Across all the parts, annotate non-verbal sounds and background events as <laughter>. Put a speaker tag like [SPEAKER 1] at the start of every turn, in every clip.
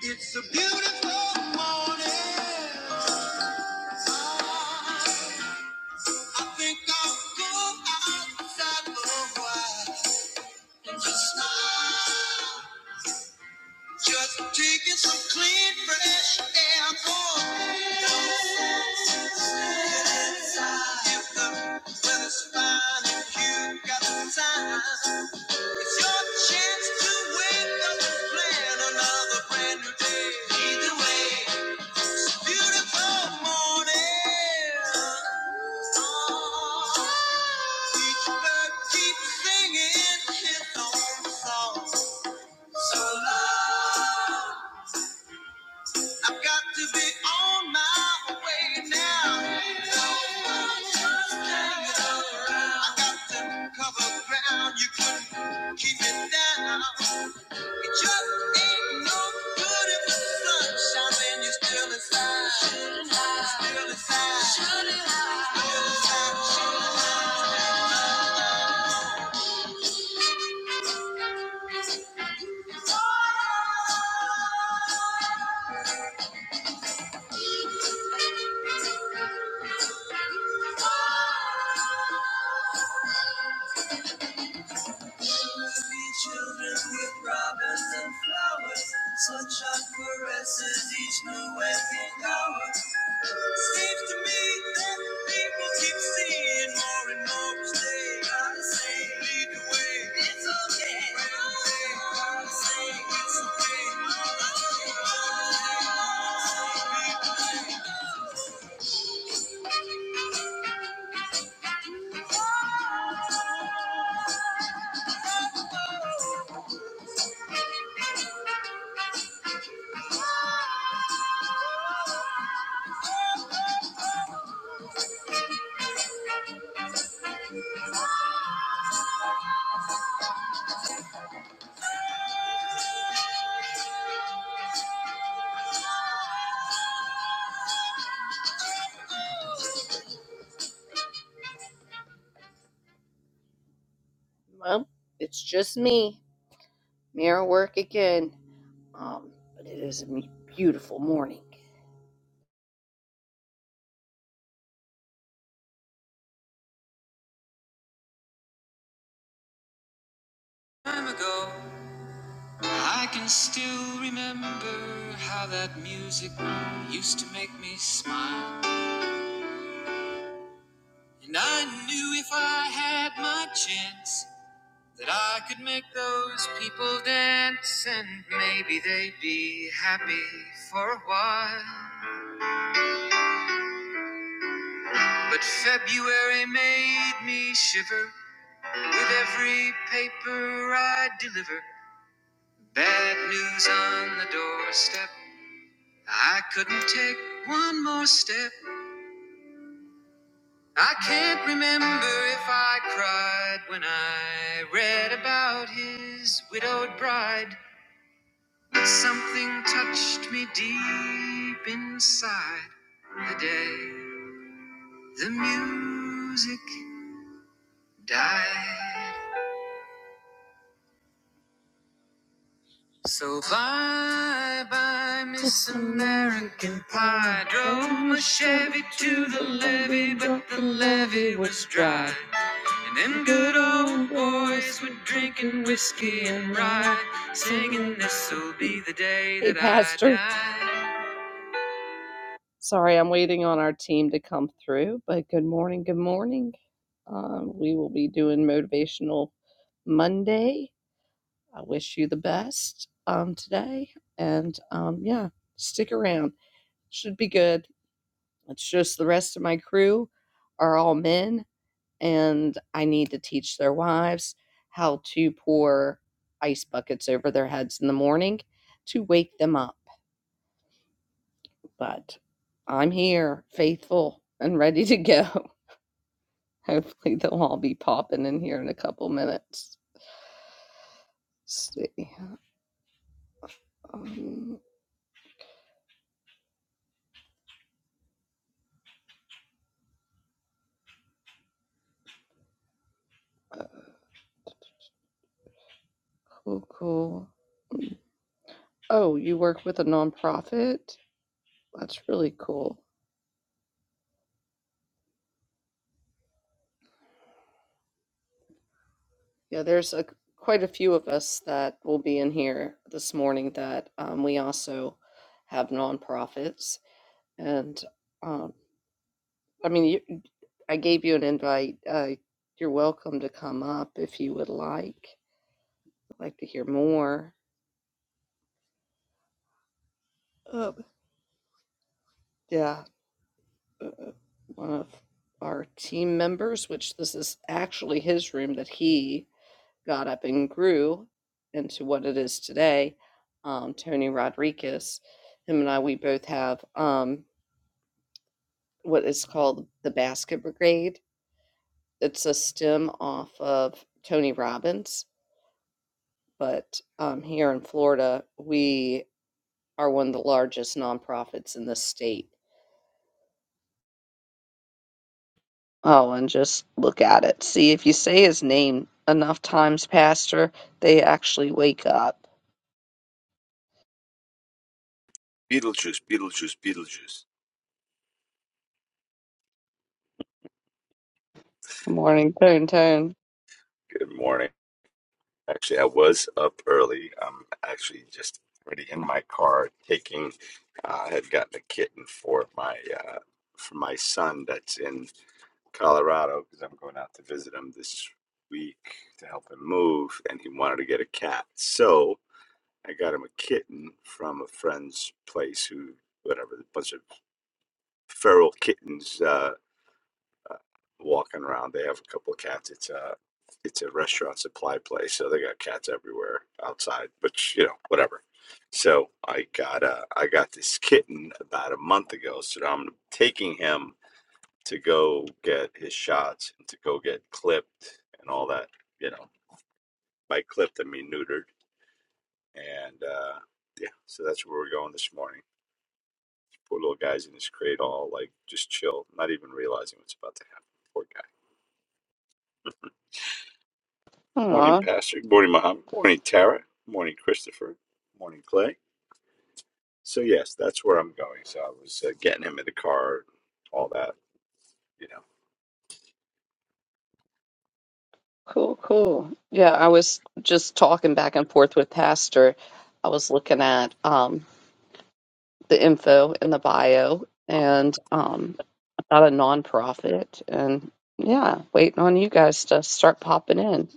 [SPEAKER 1] It's a beautiful morning. I think I'll go outside for a while and just smile. Just taking some clean, fresh air for a If the weather's fine and you got the time, it's your chance to wake up and plan another brand new day. Either way. Beautiful morning. Each bird keeps singing his own song. So long. I've got to be on my way now. I got to cover ground. You couldn't keep it down. It just ain't no good if the sun shines and you're still inside. Shooting high. Still inside. Shooting high. Still inside. Shooting high. Three children with robins and flowers. Sunshine caresses each new waking hour. Seems to me that people keep seeing more and more each day. I say, lead the way. It's okay. Right away. I say, it's okay. I say, lead the way. Well, it's just me. Mirror work again. Um, but it is a beautiful morning. Time ago, I can still remember how that music used to make me smile. And I knew if I had my chance. That I could make those people dance and maybe they'd be happy for a while. But February made me shiver with every paper I deliver. Bad news on the doorstep. I couldn't take one more step. I can't remember if I cried when I read about his widowed bride. Something touched me deep inside the day the music died. So bye bye, Miss American Pie. Drove my Chevy to the levee, but the levee was dry. And them good old boys were drinking whiskey and rye, singing this'll be the day that I Hey, Pastor. die. Sorry, I'm waiting on our team to come through, but good morning, good morning. Um, we will be doing Motivational Monday. I wish you the best um, today. And um, yeah, stick around. Should be good. It's just the rest of my crew are all men, and I need to teach their wives how to pour ice buckets over their heads in the morning to wake them up. But I'm here, faithful and ready to go. <laughs> Hopefully they'll all be popping in here in a couple minutes. Let's see. Um, uh, cool, cool. Oh, you work with a nonprofit? That's really cool. Yeah, there's a quite a few of us that will be in here this morning that um, we also have nonprofits. And um, I mean, you, I gave you an invite. Uh, you're welcome to come up if you would like. I'd like to hear more. Um, yeah. uh, one of our team members, which this is actually his room that he got up and grew into what it is today. Um, Tony Rodriguez, him and I, we both have um, what is called the Basket Brigade. It's a stem off of Tony Robbins, but um, here in Florida, we are one of the largest nonprofits in the state Oh, and just look at it. See, if you say his name enough times, Pastor, they actually wake up.
[SPEAKER 2] Beetlejuice, Beetlejuice, Beetlejuice.
[SPEAKER 1] Good morning, Turn Turn.
[SPEAKER 2] Good morning. Actually, I was up early. I'm actually just already in my car taking. Uh, I had gotten a kitten for my uh, for my son that's in Colorado because I'm going out to visit him this week to help him move, and he wanted to get a cat. So I got him a kitten from a friend's place who, whatever, a bunch of feral kittens. Uh, walking around. They have a couple of cats. It's a it's a restaurant supply place, so they got cats everywhere outside. But you know, whatever. So I got uh, I got this kitten about a month ago. So now I'm taking him to go get his shots, to go get clipped and all that. You know, by clipped I mean neutered. And uh, yeah, so that's where we're going this morning. Poor little guy's in his crate, all like just chill, not even realizing what's about to happen. Poor guy. Morning,
[SPEAKER 1] Aw,
[SPEAKER 2] Pastor. Good morning, Muhammad. Morning, Tara. Morning, Christopher. Morning, Clay. So yes, that's where I'm going. So I was uh, getting him in the car, all that, you know.
[SPEAKER 1] cool, cool. Yeah, I was just talking back and forth with Pastor. I was looking at um, the info in the bio
[SPEAKER 2] Um,
[SPEAKER 1] and um, about a nonprofit, and yeah, waiting on you guys to start popping in.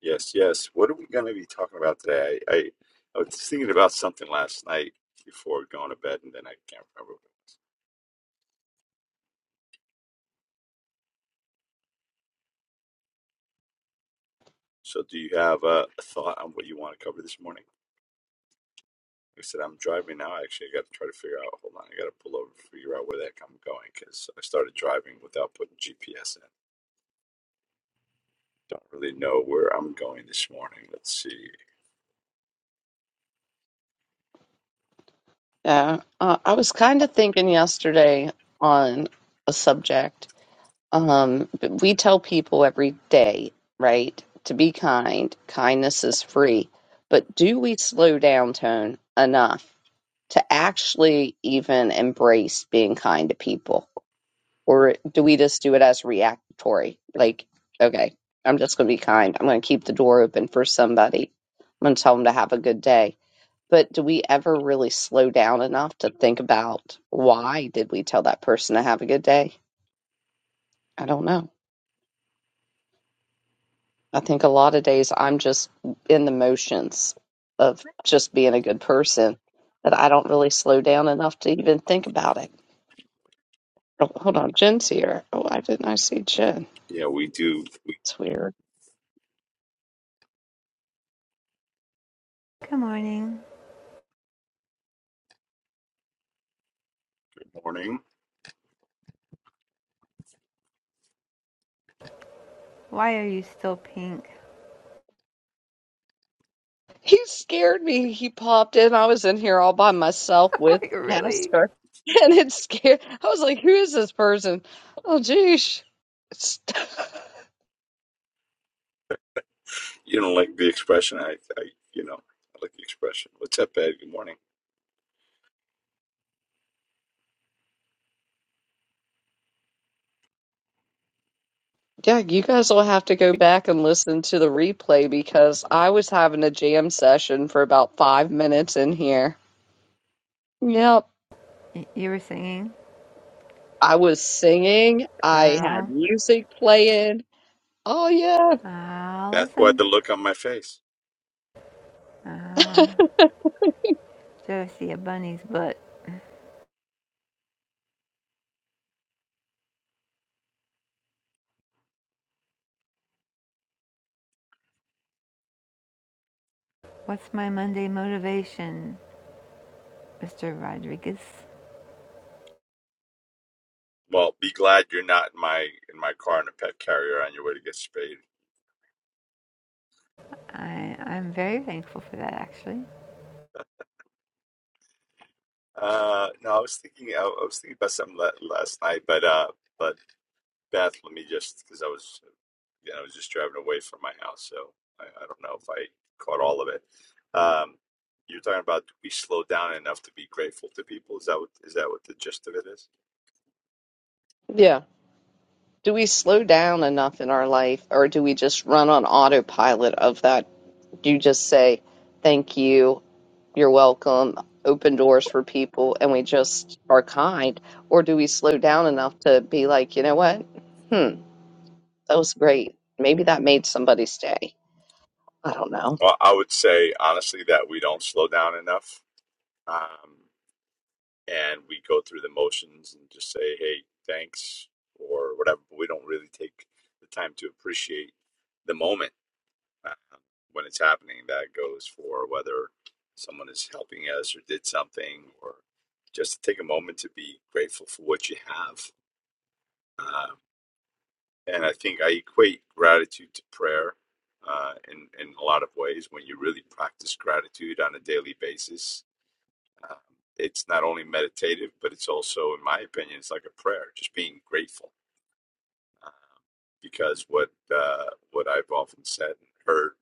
[SPEAKER 2] Yes, yes. What are we going to be talking about today? I, I, I was thinking about something last night before going to bed, and then I can't remember. what it was. So do you have a, a thought on what you want to cover this morning? I said, I'm driving now. Actually, I got to try to figure out. Hold on, I got to pull over, to figure out where the heck I'm going because I started driving without putting GPS in. Don't really know where I'm going this morning. Let's see.
[SPEAKER 1] Yeah, uh, I was kind of thinking yesterday on a subject. Um, but we tell people every day, right, to be kind. Kindness is free. But do we slow down tone enough to actually even embrace being kind to people? Or do we just do it as reactory? Like, okay, I'm just going to be kind. I'm going to keep the door open for somebody. I'm going to tell them to have a good day but do we ever really slow down enough to think about why did we tell that person to have a good day? I don't know. I think a lot of days I'm just in the motions of just being a good person that I don't really slow down enough to even think about it. Oh, hold on, Jen's here. Oh, why didn't I see Jen?
[SPEAKER 2] Yeah, we do. We,
[SPEAKER 1] It's weird.
[SPEAKER 3] Good morning.
[SPEAKER 2] good morning.
[SPEAKER 3] Why are you still pink?
[SPEAKER 1] He scared me. He popped in. I was in here all by myself
[SPEAKER 3] <laughs>
[SPEAKER 1] with
[SPEAKER 3] like, really?
[SPEAKER 1] Pastor, <laughs> and it scared. I was like, "Who is this person?" Oh, geez. It's- <laughs>
[SPEAKER 2] You don't like the expression? I, I, you know, I like the expression. What's up, Ed? Good morning.
[SPEAKER 1] Yeah, you guys will have to go back and listen to the replay because I was having a jam session for about five minutes in here. Yep.
[SPEAKER 3] Y- you were singing?
[SPEAKER 1] I was singing, I had
[SPEAKER 3] Girl,
[SPEAKER 1] music playing. Oh, yeah.
[SPEAKER 3] I'll
[SPEAKER 2] That's why
[SPEAKER 3] listen.
[SPEAKER 2] the look on my face.
[SPEAKER 3] Oh,
[SPEAKER 1] <laughs>
[SPEAKER 3] should I see a bunny's butt? What's my Monday motivation, Mr. Rodriguez?
[SPEAKER 2] Well, be glad you're not in my in my car in a pet carrier on your way to get spayed.
[SPEAKER 3] I, I'm very thankful for that, actually.
[SPEAKER 2] Uh, no, I was thinking. I, I was thinking about something la- last night, but uh. but." Beth, let me just because I was yeah, I was just driving away from my house, so I, I don't know if I caught all of it. Um, you're talking about do we slow down enough to be grateful to people? Is that what is that what the gist of it is?
[SPEAKER 1] Yeah. Do we slow down enough in our life or do we just run on autopilot of that? You just say, thank you, you're welcome, open doors for people, and we just are kind? Or do we slow down enough to be like, you know what? Hmm. That was great. Maybe that made somebody's day. I don't know.
[SPEAKER 2] Well, I would say honestly that we don't slow down enough. Um, and we go through the motions and just say, hey, thanks, or whatever. But we don't really take the time to appreciate the moment uh, when it's happening. That goes for whether someone is helping us or did something, or just to take a moment to be grateful for what you have. Uh, and I think I equate gratitude to prayer. Uh, in, in a lot of ways, when you really practice gratitude on a daily basis, um, it's not only meditative, but it's also, in my opinion, it's like a prayer, just being grateful. Uh, because what uh, what I've often said and heard,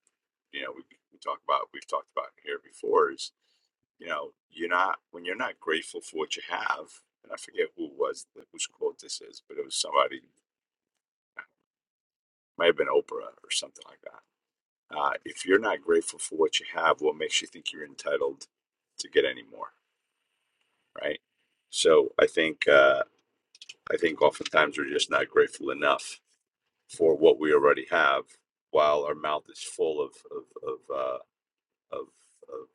[SPEAKER 2] you know, we, we talk about, we've talked about here before is you know, you're not when you're not grateful for what you have. And I forget who it was whose quote this is, but it was somebody might have been Oprah or something like that. Uh, if you're not grateful for what you have, what makes you think you're entitled to get any more, right? So I think uh, I think oftentimes we're just not grateful enough for what we already have, while our mouth is full of of of, uh, of, of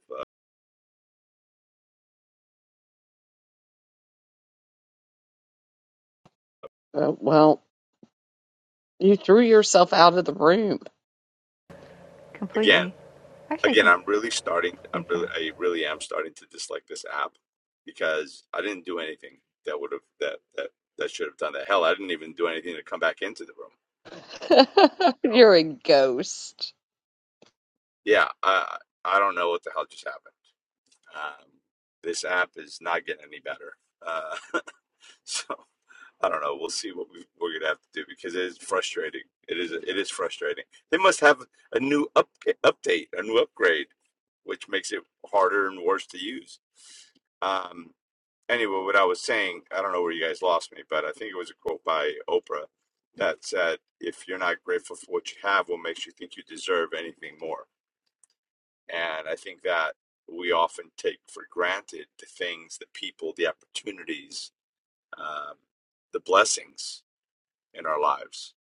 [SPEAKER 1] Uh, well, you threw yourself out of the room.
[SPEAKER 2] again
[SPEAKER 3] Completely. Actually, I
[SPEAKER 2] again.
[SPEAKER 3] think,
[SPEAKER 2] I'm really starting. I'm
[SPEAKER 3] think
[SPEAKER 2] really
[SPEAKER 3] that.
[SPEAKER 2] I really am starting to dislike this app because I didn't do anything that would have that that that should have done that. Hell, I didn't even do anything to come back into the room.
[SPEAKER 1] <laughs>
[SPEAKER 2] You know?
[SPEAKER 1] You're a ghost.
[SPEAKER 2] Yeah, I I don't know what the hell just happened. Um, this app is not getting any better. Uh, <laughs> so I don't know. We'll see what we, we're gonna have to do because it is frustrating. It is it is frustrating. They must have a new up update, a new upgrade, which makes it harder and worse to use. Um, anyway, what I was saying, I don't know where you guys lost me, but I think it was a quote by Oprah that said, "If you're not grateful for what you have, what makes you think you deserve anything more?" And I think that we often take for granted the things, the people, the opportunities, um, the blessings in our lives.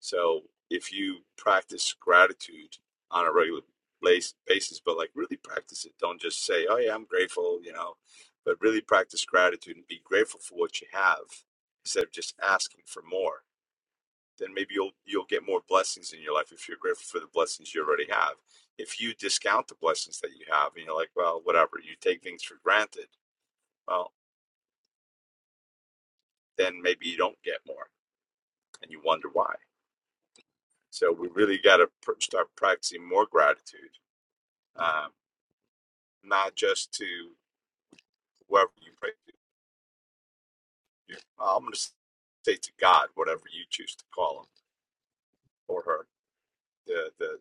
[SPEAKER 2] So if you practice gratitude on a regular basis, but like really practice it, don't just say, oh yeah, I'm grateful, you know, but really practice gratitude and be grateful for what you have instead of just asking for more. Then maybe you'll you'll get more blessings in your life if you're grateful for the blessings you already have. If you discount the blessings that you have and you're like, well, whatever, you take things for granted, well, then maybe you don't get more and you wonder why. So we really got to pr- start practicing more gratitude, um, not just to whoever you pray to. You- I'm going to say to God, whatever you choose to call him or her, the the,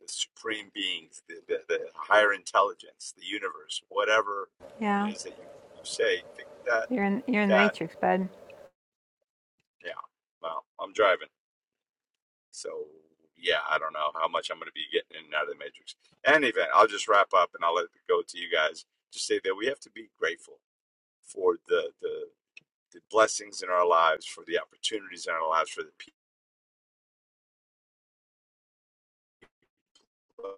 [SPEAKER 2] the supreme beings, the, the the higher intelligence, the universe, whatever it
[SPEAKER 3] Yeah.
[SPEAKER 2] is that you, you say. Think that
[SPEAKER 3] You're in, you're in the
[SPEAKER 2] that
[SPEAKER 3] matrix, bud.
[SPEAKER 2] yeah. Well, I'm driving, so yeah, I don't know how much I'm going to be getting in and out of the matrix. Any event, I'll just wrap up and I'll let it go to you guys just say that we have to be grateful. for the, the the blessings in our lives, for the opportunities in our lives, for the people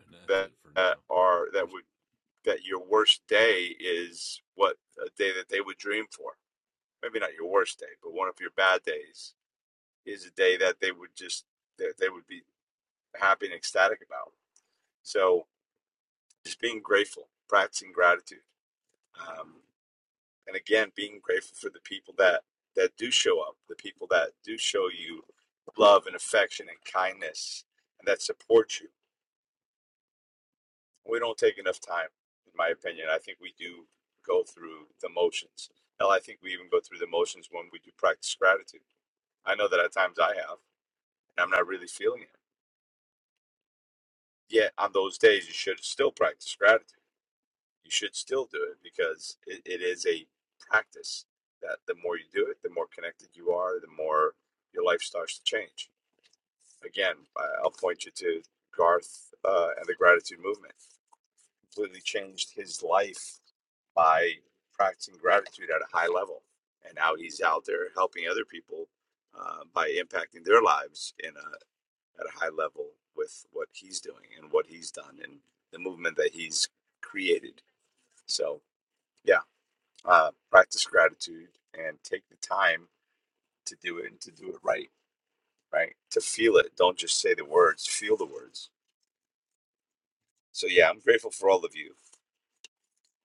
[SPEAKER 4] and that's
[SPEAKER 2] that,
[SPEAKER 4] it for
[SPEAKER 2] that
[SPEAKER 4] now.
[SPEAKER 2] are that
[SPEAKER 4] Where's
[SPEAKER 2] would that your worst day is what a day that they would dream for. Maybe not your worst day, but one of your bad days is a day that they would just that they would be happy and ecstatic about. So just being grateful, practicing gratitude. Um, and again being grateful for the people that that do show up the people that do show you love and affection and kindness and that support you we don't take enough time in my opinion i think we do go through the motions hell i think we even go through the motions when we do practice gratitude i know that at times i have and i'm not really feeling it yet on those days you should still practice gratitude you should still do it because it, it is a practice that the more you do it, the more connected you are, the more your life starts to change. Again, I- will point you to Garth uh, and the gratitude movement. Completely changed his life by practicing gratitude at a high level. And now he's out there helping other people uh, by impacting their lives in a, at a high level with what he's doing and what he's done and the movement that he's created. So, yeah, uh, practice gratitude and take the time to do it and to do it right, right? To feel it. Don't just say the words, feel the words. So, yeah, I'm grateful for all of you,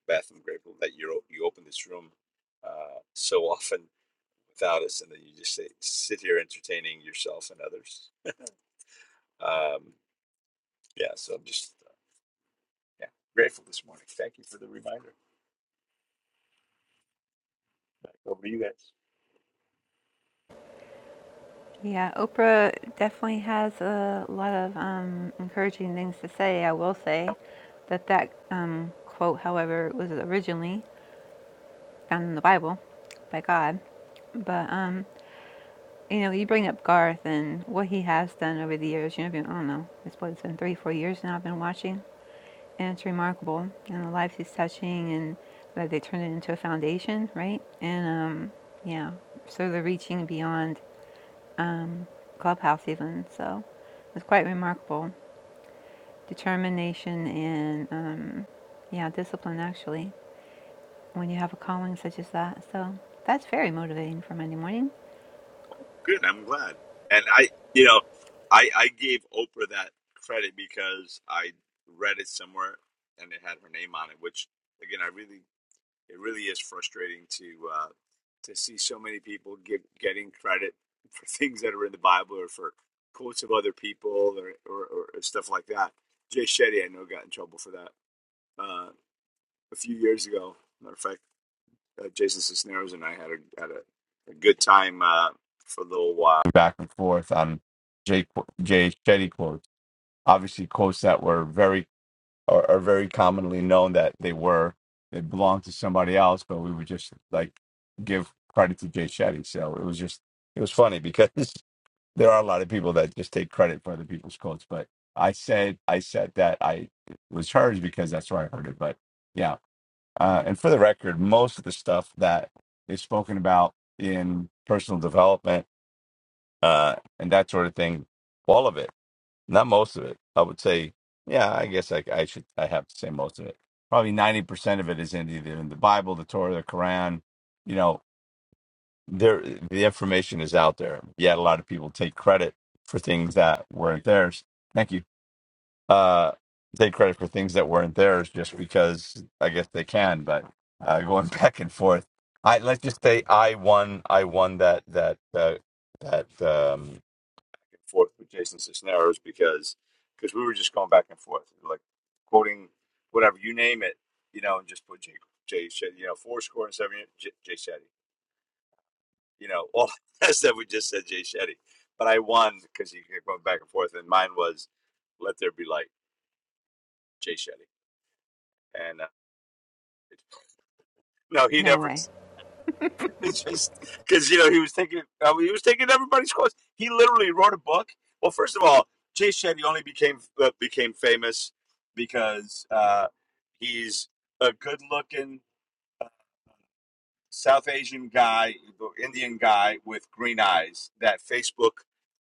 [SPEAKER 2] Beth. I'm grateful that you you open this room uh, so <laughs> often without us and then you just say, sit here entertaining yourself and others. Um, yeah, so I'm just uh, yeah grateful this morning. Thank you for the reminder. Back Over to you guys.
[SPEAKER 3] Yeah, Oprah definitely has a lot of um, encouraging things to say. I will say that that um, quote, however, was originally found in the Bible by God. But, um, you know, you bring up Garth and what he has done over the years. You know, I've been, I don't know, it's what, it's been three, four years now I've been watching. And it's remarkable. And the lives he's touching and that they turned it into a foundation, right? And, um, yeah, so they're reaching beyond um, clubhouse even. So it was quite remarkable. Determination and um, yeah, discipline actually when you have a calling such as that. So that's very motivating for Monday morning.
[SPEAKER 2] Good. I'm glad. And I, you know, I I gave Oprah that credit because I read it somewhere and it had her name on it, which again, I really it really is frustrating to uh, to see so many people give getting credit for <laughs> things that are in the Bible or for quotes of other people or or, or stuff like that. Jay Shetty, I know, got in trouble for that uh, a few years ago. Matter of fact uh, Jason Cisneros and I had a had a, a good time uh, for a little while back and forth on Jay Qu- Jay Shetty quotes. Obviously, quotes that were very are, are very commonly known that they were they belonged to somebody else, but we would just like give credit to Jay Shetty. So it was just it was funny because <laughs> there are a lot of people that just take credit for other people's quotes, but. I said I said that I it was hers because that's where I heard it, but yeah. Uh, and for the record, most of the stuff that is spoken about in personal development uh, and that sort of thing, all of it, not most of it, I would say, yeah, I guess I, I should, I have to say most of it. Probably 90% of it is in either in the Bible, the Torah, the Quran. You know, there the information is out there. Yet a lot of people take credit for things that weren't theirs. Thank you uh, take credit for things that weren't theirs just because I guess they can. But uh, going <laughs> back and forth, I let's just say I won. I won that that uh, that um, forth with Jason Cisneros because because we were just going back and forth, like quoting whatever you name it, you know, and just put Jay Jay Shetty, you know, four score and seven J, Jay Shetty, you know, all <laughs> that stuff we just said Jay Shetty. But I won because he kept going back and forth, and mine was let there be light, Jay Shetty and. uh, No, he
[SPEAKER 3] No
[SPEAKER 2] never. <laughs>
[SPEAKER 3] way.
[SPEAKER 2] It's just because you know he was taking uh, he was taking everybody's course. He literally wrote a book. Well, first of all, Jay Shetty only became uh, became famous because uh, he's a good looking South Asian guy, Indian guy with green eyes that Facebook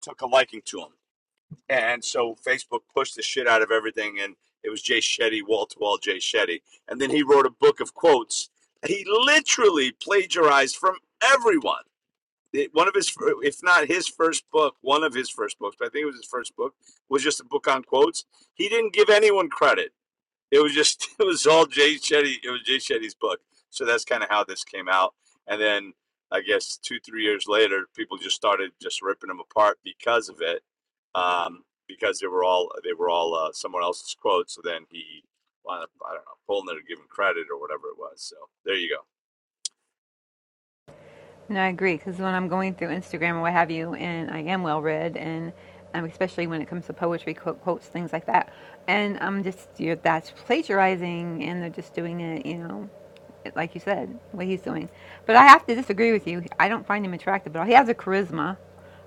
[SPEAKER 2] took a liking to him And so Facebook pushed the shit out of everything, and it was Jay Shetty, wall to wall Jay Shetty. And then he wrote a book of quotes. He literally plagiarized from everyone. It- One of his, if not his first book, one of his first books, but I think it was his first book, was just a book on quotes. He didn't give anyone credit it was just <laughs> it was all Jay Shetty. It was Jay Shetty's book. So that's kind of how this came out. And then I guess two three years later, people just started just ripping them apart because of it, um, because they were all they were all uh, someone else's quotes. So then he wound up I don't know pulling it or giving credit or whatever it was. So there you go.
[SPEAKER 3] No, I agree. Because when I'm going through Instagram or what have you, and I am well read, and um, especially when it comes to poetry, quote, quotes, things like that, and I'm just you're, that's plagiarizing, and they're just doing it, you know, it- like you said, what he's doing. But I have to disagree with you. I don't find him attractive at all. He has a charisma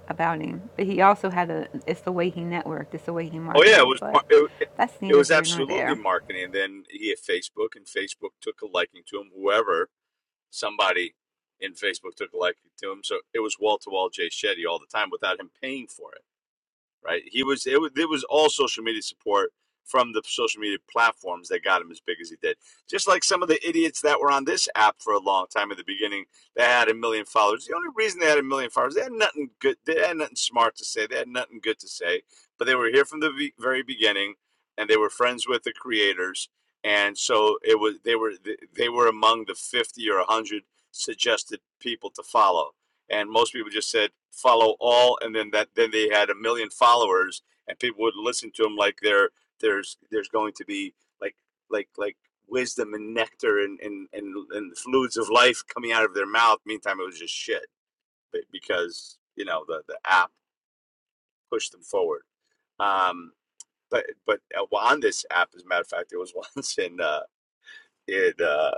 [SPEAKER 3] about him, but he also had a. It's the way he networked. It's the way he
[SPEAKER 2] Oh yeah, it
[SPEAKER 3] marketed.
[SPEAKER 2] was.
[SPEAKER 3] But
[SPEAKER 2] It,
[SPEAKER 3] that's
[SPEAKER 2] it
[SPEAKER 3] neither
[SPEAKER 2] was
[SPEAKER 3] here nor
[SPEAKER 2] absolutely
[SPEAKER 3] there.
[SPEAKER 2] marketing. And then he had Facebook, and Facebook took a liking to him. Whoever somebody in Facebook took a liking to him. So it was wall to wall Jay Shetty all the time without him paying for it right? He was it, was it was all social media support from the social media platforms that got him as big as he did. Just like some of the idiots that were on this app for a long time at the beginning, they had a million followers. The only reason they had a million followers, they had nothing good, they had nothing smart to say, they had nothing good to say, but they were here from the very beginning, and they were friends with the creators, and so it was they were they were among the fifty or one hundred suggested people to follow and most people just said follow all and then that then they had a million followers and people would listen to them like there there's there's going to be like like like wisdom and nectar and and and, and fluids of life coming out of their mouth meantime it was just shit because you know the the app pushed them forward um but but uh, well, on this app as a matter of fact there was <laughs> once in uh it uh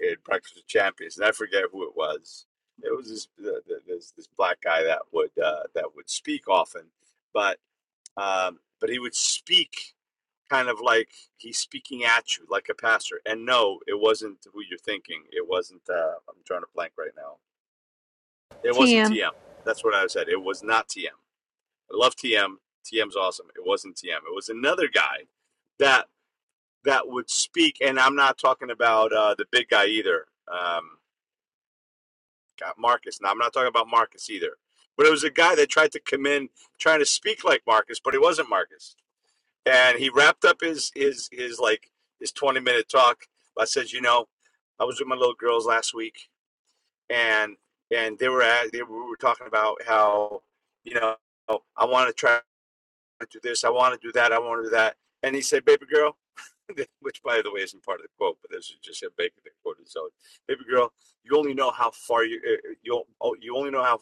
[SPEAKER 2] in Breakfast with Champions, and I forget who it was. It was this this, this black guy that would uh, that would speak often, but um, but he would speak kind of like he's speaking at you like a pastor. And no, it wasn't who you're thinking. It wasn't. Uh, I'm drawing a blank right now. It wasn't
[SPEAKER 3] TM.
[SPEAKER 2] TM. That's what I said. It was not TM. I love TM. TM's awesome. It wasn't TM. It was another guy that that would speak, and I'm not talking about uh, the big guy either. Um, got Marcus. Now I'm not talking about Marcus either, but it was a guy that tried to come in trying to speak like Marcus, but he wasn't Marcus. And he wrapped up his his his like his 20 minute talk. I said, you know, I was with my little girls last week, and and they were at they were, we were talking about how you know I want to try to do this. I want to do that. I want to do that. And he said, baby girl, <laughs> which by the way isn't part of the quote, but this is just a baby quote his Baby girl, you only know how far you uh, uh, you oh, you only know how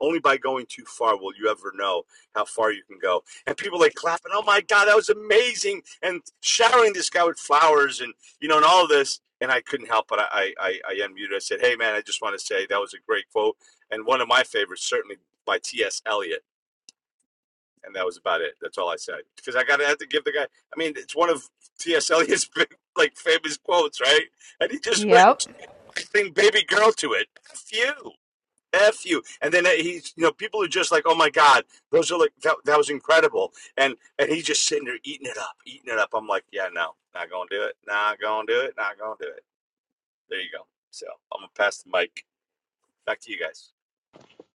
[SPEAKER 2] only by going too far will you ever know how far you can go. And people like clapping, oh my god, that was amazing, and showering this guy with flowers and you know and all this. And I couldn't help but I I, I unmuted. I said, hey man, I just want to say that was a great quote and one of my favorites certainly by T.S. Eliot and that was about it. That's all I said because I gotta have to give the guy. I mean, it's one of T.S. Eliot's <laughs> big, like famous quotes, right? And he just went and
[SPEAKER 3] Yep.
[SPEAKER 2] thing "baby girl" to it. F you, f you. And then uh, he's, you know, people are just like, "Oh my god, those are like that, that was incredible." And and he's just sitting there eating it up, eating it up. I'm like, yeah, no, not gonna do it. Not gonna do it. Not gonna do it. There you go. So I'm gonna pass the mic back to you guys.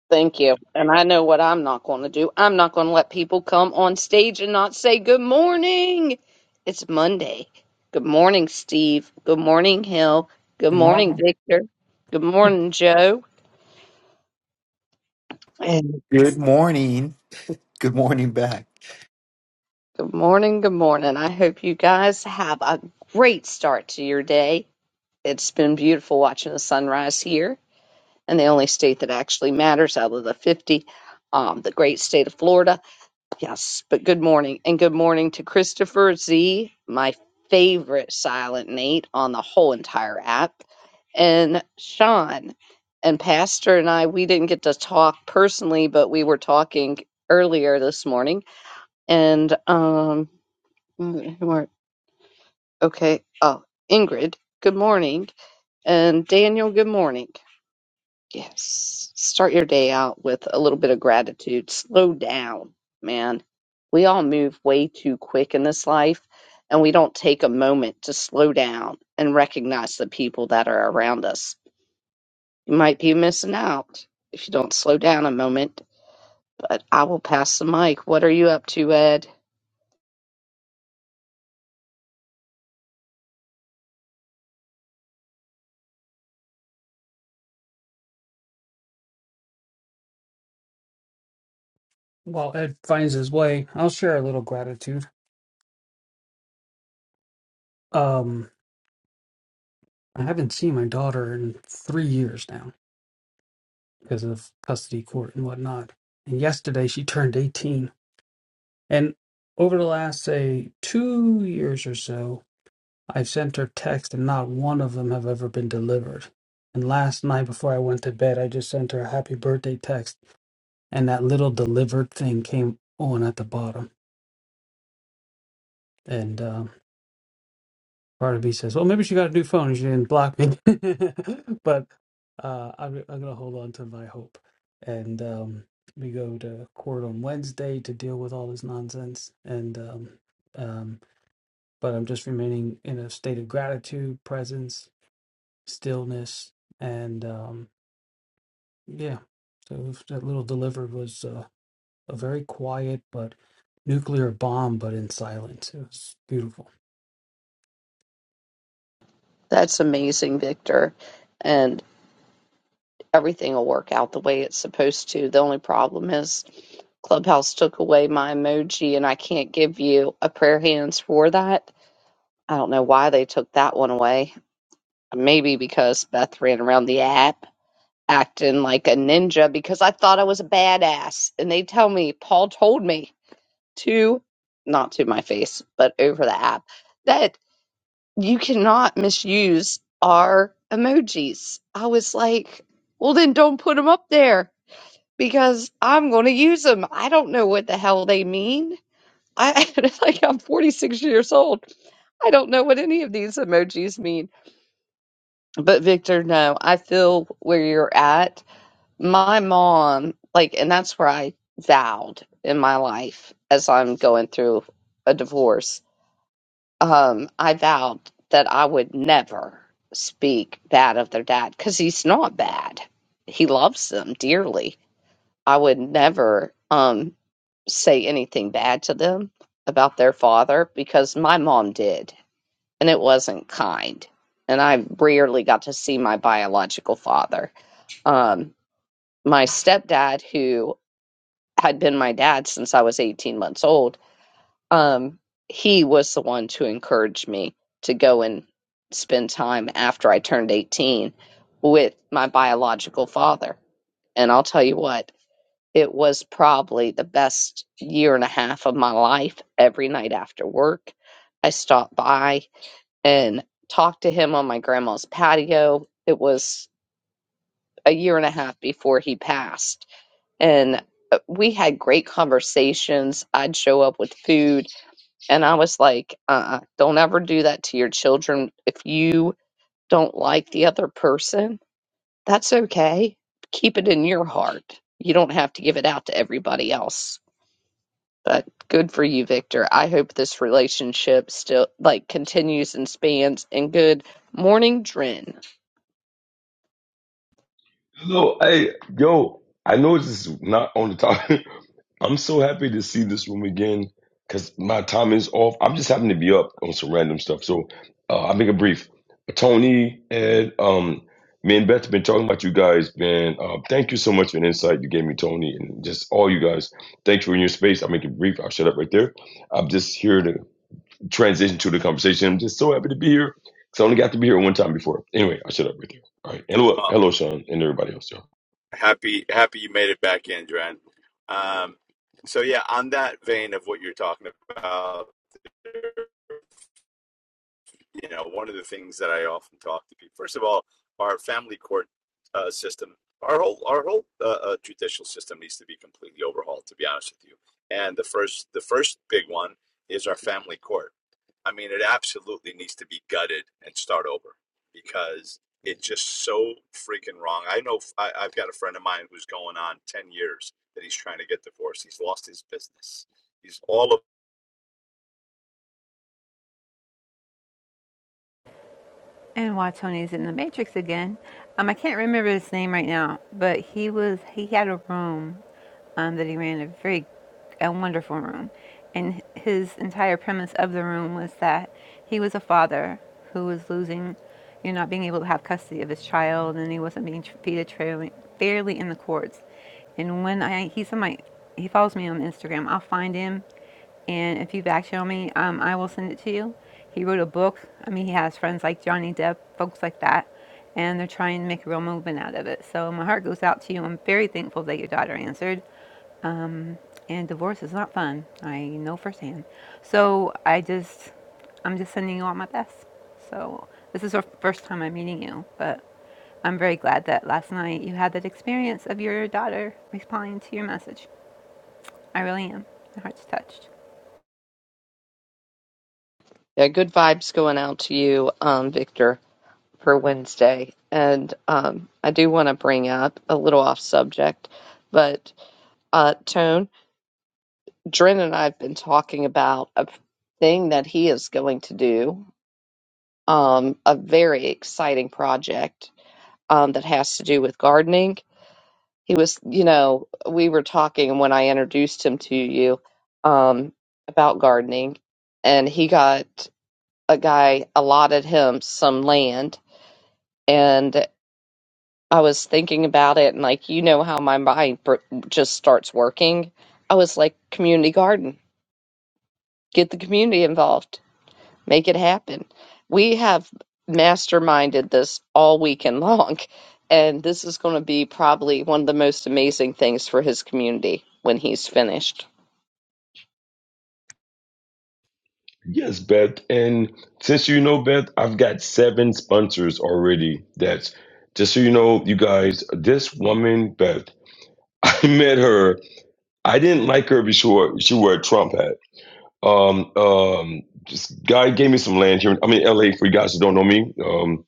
[SPEAKER 1] Thank you. And I know what I'm not going to do. I'm not going to let people come on stage and not say good morning. It's Monday. Good morning, Steve. Good morning, Hill. Good
[SPEAKER 5] Good
[SPEAKER 1] morning,
[SPEAKER 5] morning.
[SPEAKER 1] Victor. Good morning, Joe. And
[SPEAKER 6] Good morning. Good morning back.
[SPEAKER 1] good morning, good morning. I hope you guys have a great start to your day. It's been beautiful watching the sunrise here in the only state that actually matters out of the 50, um, the great state of Florida. Yes, but good morning. And good morning to Christopher Z, my favorite silent Nate on the whole entire app, and Sean. And Pastor and I, we didn't get to talk personally, but we were talking earlier this morning. And, um, mm, who are- okay. Oh, Ingrid, good morning. And Daniel, good morning. Yes. Start your day out with a little bit of gratitude. Slow down, man. We all move way too quick in this life, and we don't take a moment to slow down and recognize the people that are around us. You might be missing out if you don't slow down a moment, but I will pass the mic. What are you up to, Ed?
[SPEAKER 5] Well, Ed finds his way. I'll share a little gratitude. Um, I haven't seen my daughter in three years now because of custody court and whatnot. And yesterday she turned 18. And over the last, say, two years or so, I've sent her texts and not one of them have ever been delivered. And last night before I went to bed, I just sent her a happy birthday text and that little delivered thing came on at the bottom. And um, Part of me says, well, maybe she got a new phone and she didn't block me. <laughs> but uh, I'm, I'm going to hold on to my hope. And um, we go to court on Wednesday to deal with all this nonsense. And um, um, but I'm just remaining in a state of gratitude, presence, stillness, and um, yeah. So that little delivered was uh, a very quiet but nuclear bomb, but in silence. It was beautiful.
[SPEAKER 1] That's amazing, Victor. And. everything will work out the way it's supposed to. The only problem is Clubhouse took away my emoji and I can't give you a prayer hands for that. I don't know why they took that one away. Maybe because Beth ran around the app acting like a ninja because I thought I was a badass. And they tell me, Paul told me to, not to my face, but over the app, that you cannot misuse our emojis. I was like, well, then don't put them up there because I'm going to use them. I don't know what the hell they mean. I <laughs> like I'm 46 years old. I don't know what any of these emojis mean. But Victor, no, I feel where you're at. My mom, like, and that's where I vowed in my life as I'm going through a divorce. Um, I vowed that I would never speak bad of their dad because he's not bad. He loves them dearly I would never um, say anything bad to them about their father because my mom did, and it wasn't kind. And I rarely got to see my biological father. Um, my stepdad, who had been my dad since I was 18 months old, um, he was the one to encourage me to go and spend time after I turned 18 with my biological father. And I'll tell you what, it was probably the best year and a half of my life. Every night after work, I stopped by and talked to him on my grandma's patio. It was a year and a half before he passed. And uh, we had great conversations. I'd show up with food, and I was like, uh uh uh, do not ever do that to your children. If you don't like the other person, that's okay. Keep it in your heart. You don't have to give it out to everybody else But good for you, Victor. I hope this relationship still like continues and spans. And good morning, Dren.
[SPEAKER 7] Hello, hey, yo, I know this is not on the top. <laughs> I'm so happy to see this room again because my time is off. I'm just happening to be up on some random stuff. So uh, I'll make it brief. Tony, Ed, um, me and Beth have been talking about you guys, man. Uh, thank you so much for the insight you gave me, Tony, and just all you guys. Thanks for your space. I'll make it brief. I'll shut up right there. I'm just here to transition to the conversation. I'm just so happy to be here because I only got to be here one time before. Anyway, I'll shut up right there. All right. Hello, hello, Sean, and everybody else, y'all.
[SPEAKER 2] happy happy you made it back in Dren. um so yeah on that vein of what you're talking about you know one of the things that i often talk to people first of all our family court uh, system our whole our whole uh, uh, judicial system needs to be completely overhauled to be honest with you and the first the first big one is our family court I mean, it absolutely needs to be gutted and start over because it's just so freaking wrong. I know I, I've got a friend of mine who's going on 10 years that he's trying to get divorced. He's lost his business. He's all of
[SPEAKER 3] And while Tony's in the Matrix again, um, I can't remember his name right now, but he was he had a room um, that he ran a very a wonderful room, and his entire premise of the room was that he was a father who was losing, you know, not being able to have custody of his child, and he wasn't being treated fairly in the courts. And when I he's on my he follows me on Instagram, I'll find him and if you back channel me, um, I will send it to you. He wrote a book. I mean, he has friends like Johnny Depp, folks like that, and they're trying to make a real movement out of it. So my heart goes out to you. I'm very thankful that your daughter answered. Um, and divorce is not fun. I know firsthand. So I just, I'm just sending you all my best. So this is our first time I'm meeting you, but I'm very glad that last night you had that experience of your daughter responding to your message. I really am. My heart's touched.
[SPEAKER 1] Yeah, good vibes going out to you, um, Victor. for Wednesday. And um, I do want to bring up a little off subject, but uh, Tone, Dren and I have been talking about a thing that he is going to do, um, a very exciting project um, that has to do with gardening. He was, you know, we were talking when I introduced him to you um, about gardening, and he got a guy allotted him some land and. I was thinking about it and like you know how my mind per- just starts working. I was like community garden. Get the community involved. Make it happen. We have masterminded this all weekend <laughs> long and this is going to be probably one of the most amazing things for his community when he's finished.
[SPEAKER 7] Yes, Beth. And since you know, Beth, I've got seven sponsors already. That's just so you know, you guys, this woman, Beth, <laughs> I met her. I didn't like her before she wore a Trump hat. Um, um, this guy gave me some land here. I mean, LA, for you guys who don't know me. Um,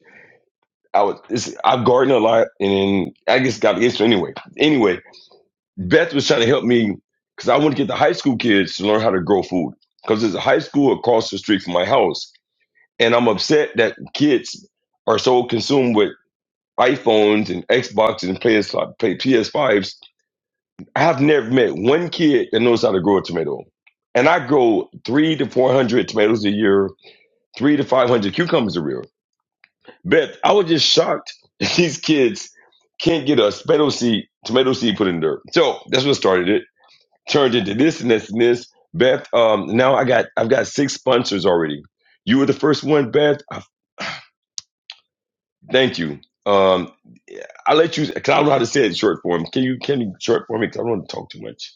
[SPEAKER 7] I was, it's, I've gardened a lot and I guess got the into anyway. Anyway, Beth was trying to help me because I want to get the high school kids to learn how to grow food because there's a high school across the street from my house And I'm upset that kids are so consumed with iPhones and Xboxes and PS play PS5s. I have never met one kid that knows how to grow a tomato. And I grow three to four hundred tomatoes a year, three to five hundred cucumbers a year. But I was just shocked <laughs> that these kids can't get a tomato seed, tomato seed put in the dirt. So that's what started it. Turned into this and this and this. Beth, um, now I got I've got six sponsors already. You were the first one, Beth. I, thank you. Um, I'll let you because I don't know how to say it in short form. Can you can you short form Cause I don't want to talk too much.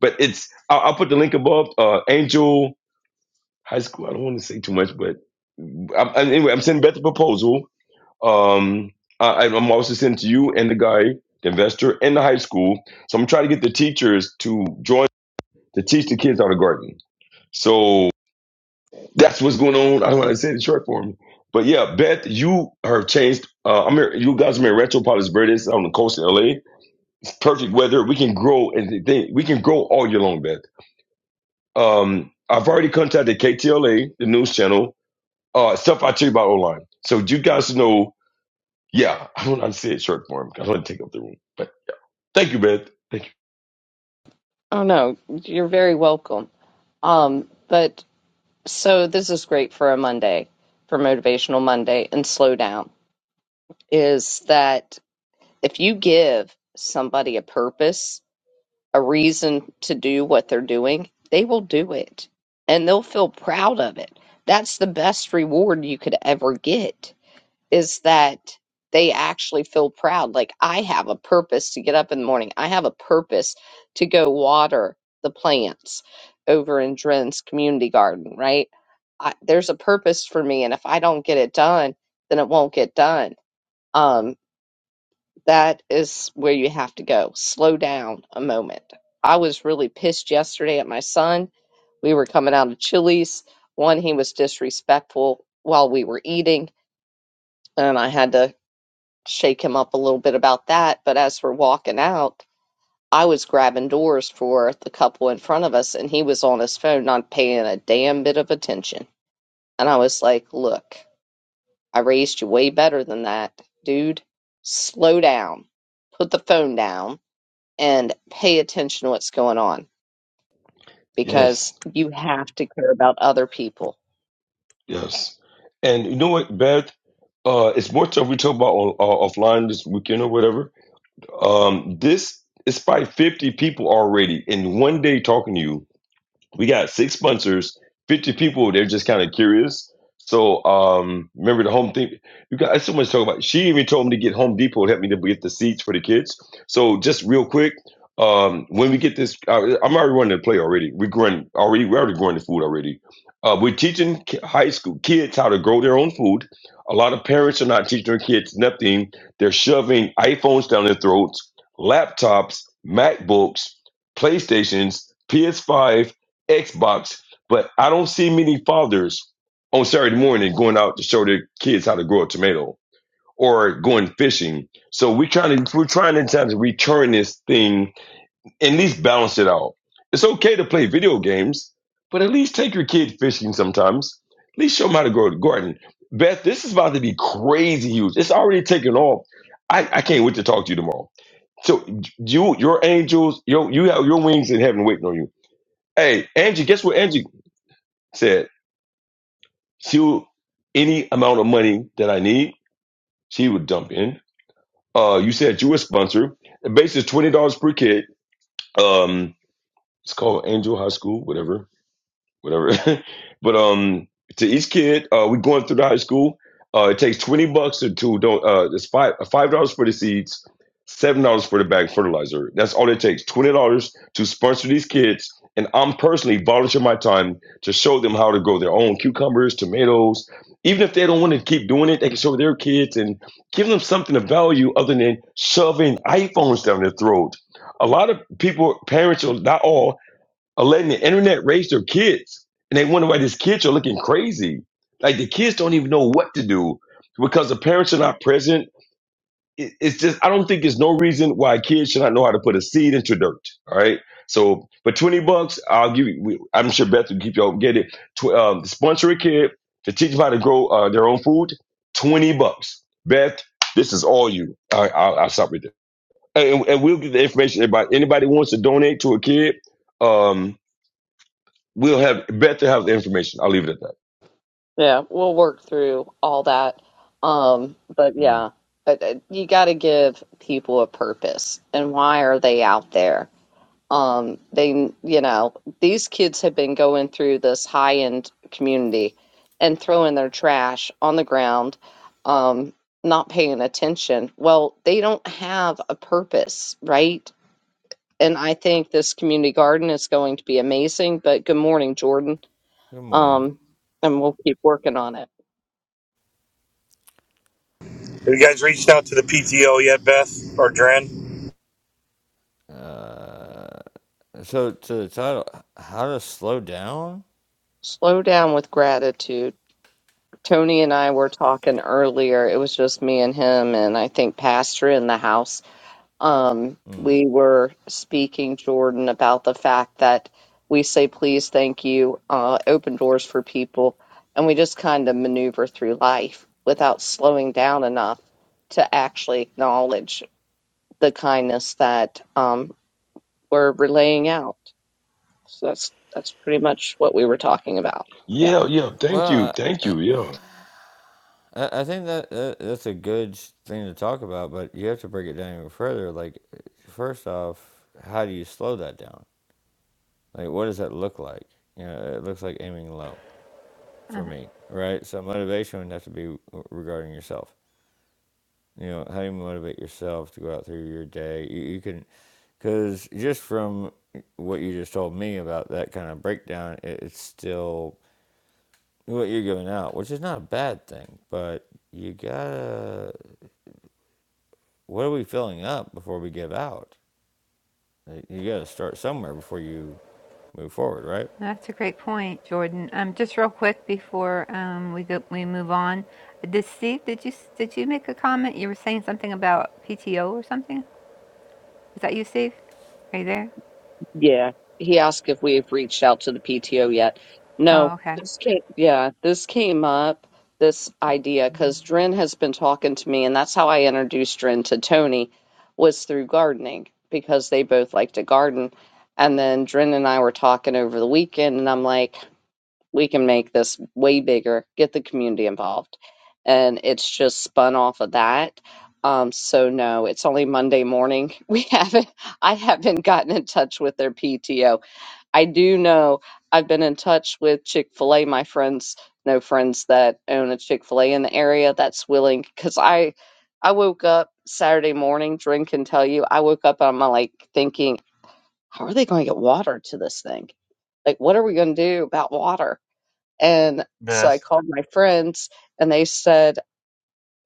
[SPEAKER 7] But it's I'll, I'll put the link above. Uh, Angel High School. I don't want to say too much, but I'm, I'm- anyway, I'm sending Beth the proposal. Um, I, I'm also sending to you and the guy, the investor, and the high school. So I'm trying to get the teachers to join to teach the kids how to garden. So that's what's going on. I don't want to say it in short form. But yeah, Beth, you have changed. Uh, I'm here, you guys are in Rancho Palos Verdes on the coast in LA perfect weather. We can grow and th- we can grow all year long, Beth. Um, I've already contacted KTLA, the news channel. Uh, stuff I tell you about online. So you guys know, yeah, <laughs> I don't want to say it short form. I don't want to take up the room. But thank you, Beth. Thank you.
[SPEAKER 1] Oh no, you're very welcome. Um but so this is great for a Monday, for motivational Monday and slow down is that if you give somebody a purpose, a reason to do what they're doing, they will do it and they'll feel proud of it. That's the best reward you could ever get is that they actually feel proud. Like, I have a purpose to get up in the morning, I have a purpose to go water the plants over in Dren's community garden, right? I, there's a purpose for me, and if I don't get it done, then it won't get done. Um, that is where you have to go. Slow down a moment. I was really pissed yesterday at my son. We were coming out of Chili's. One, he was disrespectful while we were eating, and I had to shake him up a little bit about that. But as we're walking out, I was grabbing doors for the couple in front of us, and he was on his phone, not paying a damn bit of attention. And I was like, Look, I raised you way better than that, dude. Slow down. Put the phone down and pay attention to what's going on because
[SPEAKER 7] Yes,
[SPEAKER 1] you have to care about other people.
[SPEAKER 7] yes. And you know what, Beth? Uh, it's more stuff we talk about on, uh, offline this weekend or whatever. Um, this it's probably fifty people already in one day talking to you we got six sponsors, 50 people. They're just kind of curious. So um, remember the home thing. You got so much to talk about. She even told me to get Home Depot to help me to get the seats for the kids. So just real quick, um, when we get this, uh, I'm already running the play already. We're growing already. We're already growing the food already. Uh, we're teaching ki- high school kids how to grow their own food. A lot of parents are not teaching their kids nothing. They're shoving iPhones down their throats, laptops, MacBooks, PlayStations, PS5, Xbox, but I don't see many fathers on Saturday morning going out to show their kids how to grow a tomato or going fishing. So we're trying to we're trying in time to return this thing and at least balance it out. It's okay to play video games, but at least take your kid fishing sometimes. At least show them how to grow a garden. Beth, this is about to be crazy huge. It's already taken off. I, I can't wait to talk to you tomorrow. So you, your angels, your you have your wings in heaven waiting on you. Hey, Angie, guess what? Angie said she will any amount of money that I need, she would dump in. Uh, you said you were a sponsor. The base is twenty dollars per kid. Um, it's called Angel High School, whatever. whatever. <laughs> but um, to each kid, uh, we're going through the high school. Uh, it takes twenty bucks to, to don't. Uh, it's five uh, five dollars for the seeds, seven dollars for the bag fertilizer. That's all it takes. Twenty dollars to sponsor these kids, and I'm personally volunteering my time to show them how to grow their own cucumbers, tomatoes. Even if they don't want to keep doing it, they can show their kids and give them something of value other than shoving iPhones down their throat. A lot of people, parents, or not all, are letting the internet raise their kids. And they wonder why these kids are looking crazy. Like the kids don't even know what to do because the parents are not present. It- It's just, I don't think there's no reason why kids should not know how to put a seed into dirt. All right. So for 20 bucks, I'll give you, we- I'm sure Beth will keep y'all get it. Tw- um, sponsor a kid to teach them how to grow uh, their own food. 20 bucks. Beth, this is all you. All right. I'll, I'll stop right there. And, and we'll get the information about anybody wants to donate to a kid. Um, We'll have Beth to have the information. I'll leave it at that.
[SPEAKER 1] Yeah, we'll work through all that. Um, but
[SPEAKER 8] Mm.
[SPEAKER 1] yeah, but uh, you got to give people a purpose and why are they out there? Um, they, you know, these kids have been going through this high-end community and throwing their trash on the ground, um, not paying attention. Well, they don't have a purpose, right? and I think this community garden is going to be amazing. But good morning, Jordan.
[SPEAKER 8] Good morning.
[SPEAKER 1] Um, and we'll keep working on it.
[SPEAKER 9] Have you guys reached out to the PTO yet, Beth or Dren?
[SPEAKER 8] Uh, so to the title, how to slow down.
[SPEAKER 1] Slow down with gratitude. Tony and I were talking earlier. It was just me and him, and I think Pastor in the house. Um,
[SPEAKER 8] Mm.
[SPEAKER 1] we were speaking, Jordan, about the fact that we say please, thank you, uh, open doors for people, and we just kind of maneuver through life without slowing down enough to actually acknowledge the kindness that um, we're relaying out. So that's that's pretty much what we were talking about. Yeah.
[SPEAKER 7] Yeah, yeah. Thank you,
[SPEAKER 8] Well,
[SPEAKER 7] thank you. Yeah,
[SPEAKER 8] I, I I think that, that that's a good thing to talk about, but you have to break it down even further. Like, first off, how do you slow that down? Like, what does that look like? You know, it looks like aiming low for me, right? So motivation would have to be regarding yourself. You know, how do you motivate yourself to go out through your day? You, you can Because just from what you just told me about that kind of breakdown, it's still what you're giving out, which is not a bad thing, but you gotta, what are we filling up before we give out? Like, You gotta start somewhere before you move forward, right?
[SPEAKER 3] That's a great point, Jordan. Um, just real quick before um, we go, we move on. Did Steve? Did you did you make a comment? You were saying something about PTO or something. Is that you, Steve? Are you there?
[SPEAKER 1] Yeah. He asked if we have reached out to the PTO yet.
[SPEAKER 3] Oh,
[SPEAKER 1] No,
[SPEAKER 3] okay.
[SPEAKER 1] this came. Yeah, this came up, this idea, because Dren has been talking to me, and that's how I introduced Dren to Tony, was through gardening, because they both like to garden. And then Dren and I were talking over the weekend, and I'm like, we can make this way bigger, get the community involved. And it's just spun off of that. Um, so no, it's only Monday morning. <laughs> We haven't, I haven't gotten in touch with their PTO. I do know I've been in touch with Chick-fil-A, my friends, no friends that own a Chick-fil-A in the area that's willing, because I, I woke up Saturday morning, drink and tell you, I woke up and I'm like thinking, how are they going to get water to this thing? Like, what are we going to do about water? And so I
[SPEAKER 9] Beth.
[SPEAKER 1] called my friends and they said,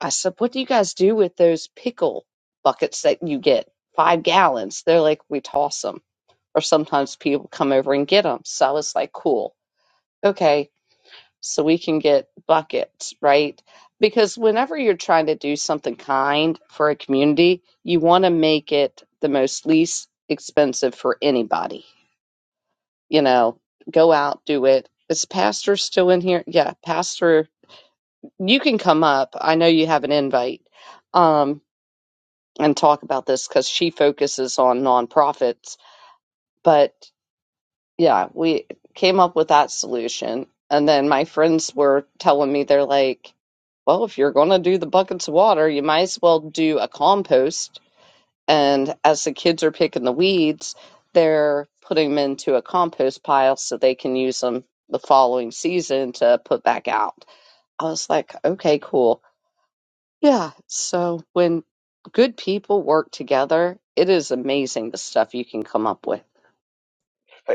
[SPEAKER 1] I said, what do you guys do with those pickle buckets that you get? Five gallons. They're like, we toss them. Or sometimes people come over and get them. So I was like, cool. Okay. So we can get buckets, right? Because whenever you're trying to do something kind for a community, you want to make it the most least expensive for anybody. You know, go out, do it. Is Pastor still in here? Yeah, Pastor you can come up. I know you have an invite um, and talk about this because she focuses on nonprofits. But yeah, we came up with that solution. And then my friends were telling me, they're like, well, if you're going to do the buckets of water, you might as well do a compost. And as the kids are picking the weeds, they're putting them into a compost pile so they can use them the following season to put back out. I was like, okay, cool. Yeah, so when good people work together, it is amazing the stuff you can come up with.